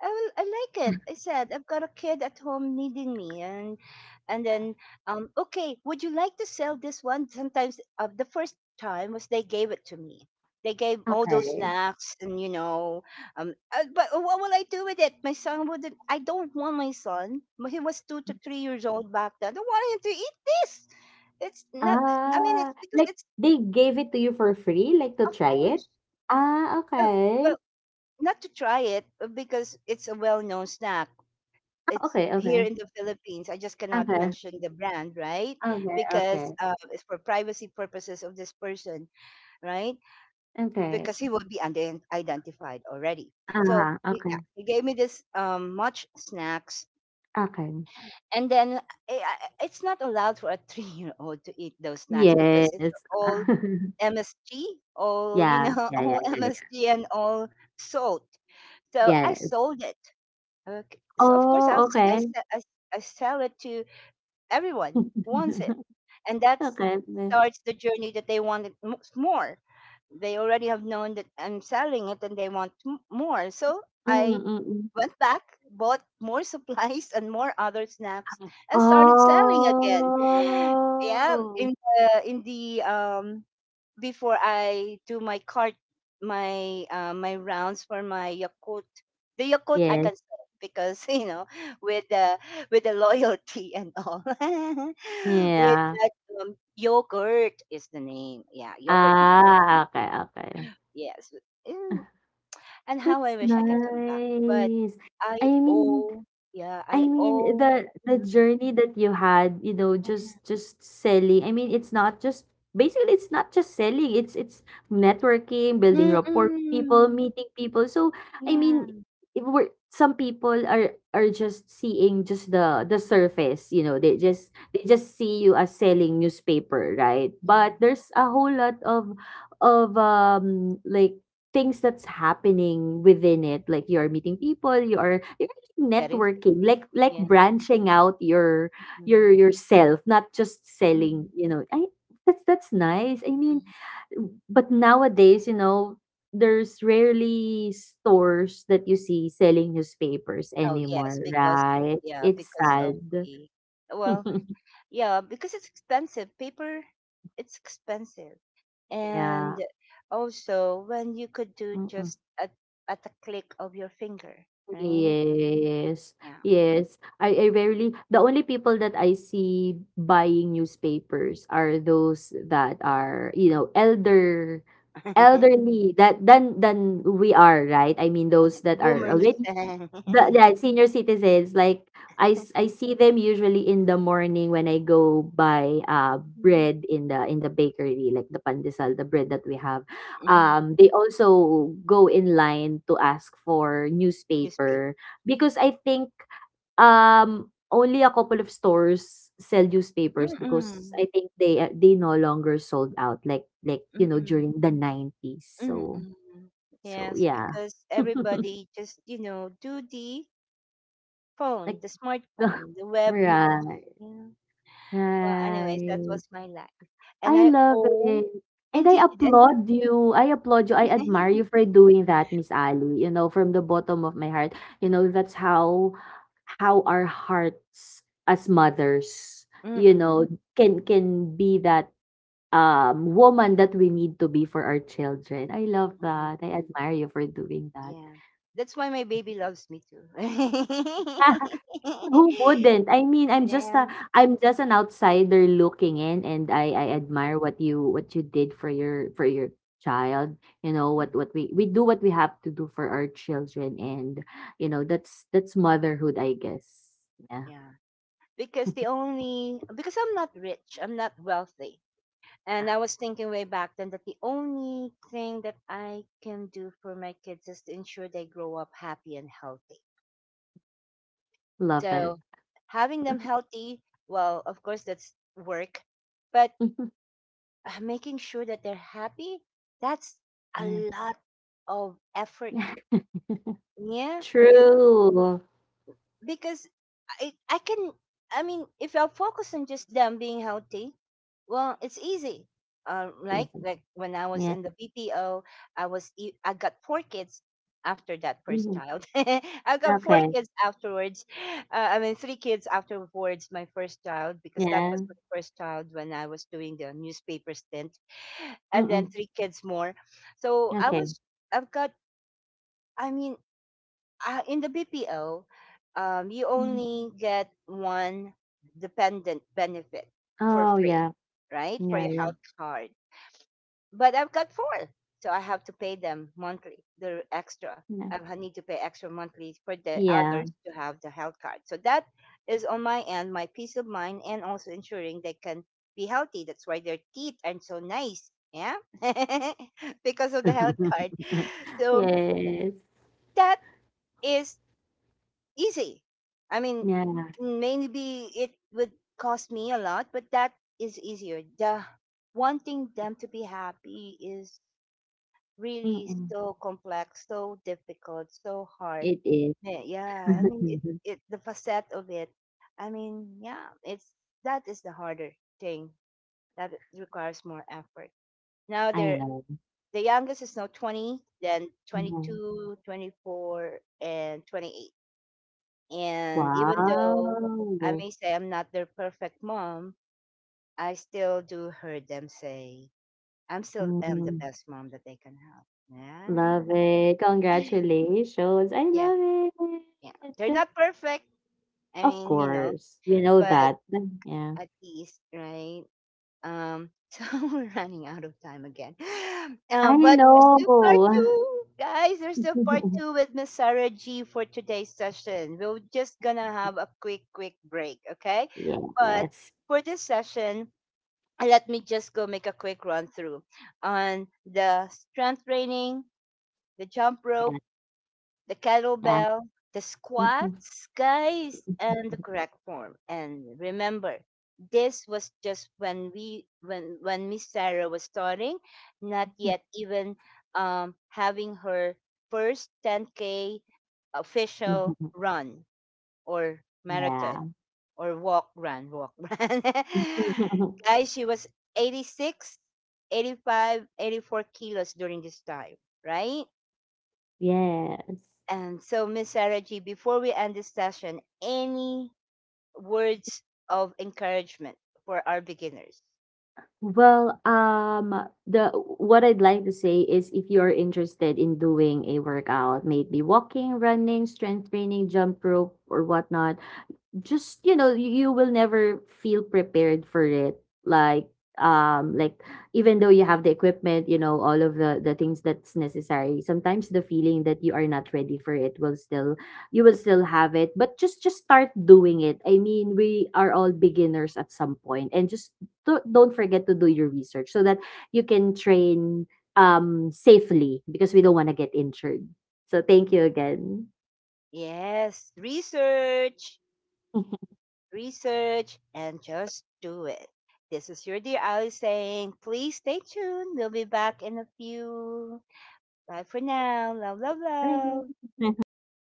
Speaker 1: I like it. I said, "I've got a kid at home needing me," and, and then, "okay, would you like to sell this one?" Sometimes the first time was they gave it to me. They gave all those
Speaker 2: Okay.
Speaker 1: snacks, and, but what will I do with it? My son wouldn't. I don't want my son. He was 2 to 3 years old back then. I don't want him to eat this. It's not. I mean,
Speaker 2: Ah,
Speaker 1: it's because
Speaker 2: like
Speaker 1: it's,
Speaker 2: they gave it to you for free, like to
Speaker 1: of
Speaker 2: try it?
Speaker 1: course.
Speaker 2: Ah,
Speaker 1: uh,
Speaker 2: okay.
Speaker 1: Well, not to try it, because it's a well-known snack.
Speaker 2: Ah,
Speaker 1: It's
Speaker 2: okay,
Speaker 1: here
Speaker 2: okay.
Speaker 1: in the Philippines. I just cannot
Speaker 2: Okay,
Speaker 1: mention the brand, right?
Speaker 2: okay,
Speaker 1: Because
Speaker 2: okay,
Speaker 1: it's for privacy purposes of this person, right?
Speaker 2: okay.
Speaker 1: Because he will be identified already.
Speaker 2: Ah,
Speaker 1: So
Speaker 2: huh,
Speaker 1: he,
Speaker 2: okay,
Speaker 1: yeah, he gave me this much snacks,
Speaker 2: okay.
Speaker 1: and then it's not allowed for a 3-year-old to eat those snacks because it's
Speaker 2: Yes.
Speaker 1: all MSG, all,
Speaker 2: Yeah, yeah, yeah,
Speaker 1: all
Speaker 2: yeah, yeah.
Speaker 1: MSG and all salt. So I
Speaker 2: Yes.
Speaker 1: sold it. Okay. So of course I'll,
Speaker 2: Oh,
Speaker 1: s- I,
Speaker 2: okay.
Speaker 1: se- I sell it to everyone. Wants it, and that
Speaker 2: Okay, yeah.
Speaker 1: starts the journey that they want it more. They already have known that I'm selling it, and they want more, so
Speaker 2: Mm,
Speaker 1: I
Speaker 2: mm, mm.
Speaker 1: went back, bought more supplies and more other snacks, and started selling again. Yeah,
Speaker 2: Oh.
Speaker 1: in the before I do my cart, my rounds for my Yakult. The Yakult I
Speaker 2: Yes.
Speaker 1: can sell because with the with the loyalty and all. With
Speaker 2: Yeah.
Speaker 1: that, yogurt is the name. Yeah, yogurt meat.
Speaker 2: Ah, okay, okay.
Speaker 1: Yes. Mm, And how
Speaker 2: That's
Speaker 1: I wish I can come back, but
Speaker 2: nice. I
Speaker 1: I
Speaker 2: mean,
Speaker 1: owe. Yeah,
Speaker 2: I
Speaker 1: I
Speaker 2: mean
Speaker 1: owe.
Speaker 2: the
Speaker 1: Mm,
Speaker 2: journey that you had, you know,
Speaker 1: yeah.
Speaker 2: just selling. I mean, it's not just, basically, it's not just selling. It's networking, building rapport with people,
Speaker 1: Mm-mm.
Speaker 2: meeting people. So, I mean,
Speaker 1: Yeah.
Speaker 2: if we're, some people are just seeing just the surface. You know, they just, they just see you as selling newspaper, right?
Speaker 1: Mm-mm.
Speaker 2: But there's a whole lot of, like things that's happening within it, like you are meeting people, you are
Speaker 1: Getting sick
Speaker 2: networking, like
Speaker 1: again.
Speaker 2: branching out your
Speaker 1: Mm-hmm.
Speaker 2: yourself, not just selling,
Speaker 1: Mm-hmm.
Speaker 2: you know, I that's nice. I mean,
Speaker 1: Mm-hmm.
Speaker 2: but nowadays, you know, there's rarely stores that you see selling newspapers
Speaker 1: Oh, yes,
Speaker 2: anymore,
Speaker 1: because
Speaker 2: right?
Speaker 1: yeah,
Speaker 2: It's
Speaker 1: because of
Speaker 2: sad.
Speaker 1: the well, yeah, because it's expensive. Paper, it's expensive.
Speaker 2: Yeah.
Speaker 1: And also when you could do
Speaker 2: Mm-mm.
Speaker 1: just at the click of your finger, right?
Speaker 2: Yes,
Speaker 1: Yeah.
Speaker 2: yes. I rarely, the only people that I see buying newspapers are those that are, you know, elderly that than, we are, right? I mean, those
Speaker 1: The
Speaker 2: that are
Speaker 1: boomers.
Speaker 2: already the yeah, senior citizens. Like, I see them usually in the morning when I go buy,
Speaker 1: Mhm.
Speaker 2: bread in the, in the bakery, like the pandesal, the bread that we have.
Speaker 1: Mhm.
Speaker 2: They also go in line to ask for
Speaker 1: Newspaper.
Speaker 2: newspaper, because I think, um, only a couple of stores sell newspapers, because
Speaker 1: Mm-mm.
Speaker 2: I think they a they no longer sold out like, you know,
Speaker 1: Mm-mm.
Speaker 2: during the 90s.
Speaker 1: Mm-mm.
Speaker 2: So
Speaker 1: Yes,
Speaker 2: yeah.
Speaker 1: because everybody just, do the phone,
Speaker 2: Like
Speaker 1: the smartphone, the web news.
Speaker 2: right,
Speaker 1: Yeah. Well, anyways, that
Speaker 2: right.
Speaker 1: was my life. And
Speaker 2: I
Speaker 1: I
Speaker 2: love
Speaker 1: owe
Speaker 2: it. And I
Speaker 1: indeed, and
Speaker 2: applaud you. I applaud you. I admire you for doing that, Miss Ali. You know, from the bottom of my heart. You know, that's how our hearts as mothers, you know,
Speaker 1: mm-mm,
Speaker 2: can be that, woman that we need to be for our children. I love
Speaker 1: mm
Speaker 2: that.
Speaker 1: hmm,
Speaker 2: I admire you for doing that.
Speaker 1: yeah. That's why my baby loves me too. Yeah.
Speaker 2: Who wouldn't? I mean, I'm just an outsider looking in, and I
Speaker 1: Mm,
Speaker 2: admire what you, what you did for your, for your child. You know,
Speaker 1: mm,
Speaker 2: what we do what we have to do for our children, and, you know, that's motherhood, I guess. Yeah.
Speaker 1: yeah. Because the only, because I'm not rich, I'm not wealthy. And
Speaker 2: Ah,
Speaker 1: I was thinking way back then that the only thing that I can do for my kids is to ensure they grow up happy and healthy.
Speaker 2: love it.
Speaker 1: So having them healthy, well, of course, that's work, but, making sure that they're happy, that's a
Speaker 2: yeah.
Speaker 1: lot of effort. Yeah,
Speaker 2: True.
Speaker 1: because I I can I mean, if I focus on just them being healthy, well, it's easy. Uh, like
Speaker 2: Season.
Speaker 1: like when I was
Speaker 2: Yeah.
Speaker 1: in the BPO, I got four kids after that first
Speaker 2: Mhm.
Speaker 1: child. I got four
Speaker 2: Okay.
Speaker 1: kids afterwards. I mean, three kids afterwards my first child, because that was
Speaker 2: Yeah.
Speaker 1: my first child when I was doing the newspaper stint, and then
Speaker 2: Mm-mm.
Speaker 1: three kids more. So I
Speaker 2: Okay.
Speaker 1: was I've got I mean, in the BPO, you
Speaker 2: Mhm.
Speaker 1: only get one dependent benefit for
Speaker 2: Oh,
Speaker 1: free,
Speaker 2: yeah.
Speaker 1: right? For
Speaker 2: Yeah,
Speaker 1: your
Speaker 2: yeah.
Speaker 1: health card. But I've got four, so I have to pay them monthly. The extra,
Speaker 2: Yeah.
Speaker 1: need to pay extra monthly for the
Speaker 2: Yeah.
Speaker 1: others to have the health card. So that is on my end, my peace of mind, and also ensuring they can be healthy. That's why their teeth are so nice, yeah, because of the health card. So
Speaker 2: Yes.
Speaker 1: that is easy. I mean,
Speaker 2: Yeah.
Speaker 1: maybe it would cost me a lot, but that is easier. The wanting them to be happy is really
Speaker 2: Mm.
Speaker 1: so complex, so difficult, so hard.
Speaker 2: It is.
Speaker 1: Yeah, yeah, I mean, it, it the facet of it. I mean, yeah, it's that is the harder thing that requires more effort. Now,
Speaker 2: I know.
Speaker 1: the youngest is now 20, then twenty
Speaker 2: Yeah.
Speaker 1: two, 24, and 28. And even though I
Speaker 2: Wow.
Speaker 1: may say I'm not their perfect mom, I still do hear them say, I'm still am the
Speaker 2: Mm.
Speaker 1: best mom that they can have. Yeah.
Speaker 2: Love it. Congratulations. I
Speaker 1: Yeah.
Speaker 2: love
Speaker 1: Yeah. They're
Speaker 2: it.
Speaker 1: not perfect. I
Speaker 2: Of
Speaker 1: mean,
Speaker 2: course. We know
Speaker 1: but
Speaker 2: that. Yeah.
Speaker 1: at least, right? So we're running out of time again.
Speaker 2: I
Speaker 1: But there's
Speaker 2: know.
Speaker 1: still part two, guys. There's still part two with Miss Sarah G for today's session. We're just gonna have a quick, quick break, okay? But
Speaker 2: Yes.
Speaker 1: for this session, let me just go make a quick run through on the strength training, the jump
Speaker 2: Yeah.
Speaker 1: rope, the
Speaker 2: Yeah.
Speaker 1: kettlebell, the squats, guys, and the correct form. And remember, this was just when we when Miss Sarah was starting, not yet even, having her first 10K official run or marathon
Speaker 2: Yeah.
Speaker 1: or walk run walk run. Guys, she was 86, 85, 84 kilos during this time, right?
Speaker 2: Yes.
Speaker 1: And so, Miss Sarah G, before we end this session, any words of encouragement for our beginners?
Speaker 2: Well, the what I'd like to say is if you're interested in doing a workout, maybe walking, running, strength training, jump rope, or whatnot, just, you know, you will never feel prepared for it, like, like, even though you have the equipment, you know, all of the things that's necessary, sometimes the feeling that you are not ready for it will still, you will still have it, but just start doing it. I mean, we are all beginners at some point, and just don't forget to do your research, so that you can train safely, because we don't want to get injured. So thank you again.
Speaker 1: Yes, research, research, and just do it. This is your dear Ali saying, please stay tuned. We'll be back in a few. Bye for now. Love, love,
Speaker 2: Thank
Speaker 1: love.
Speaker 2: you.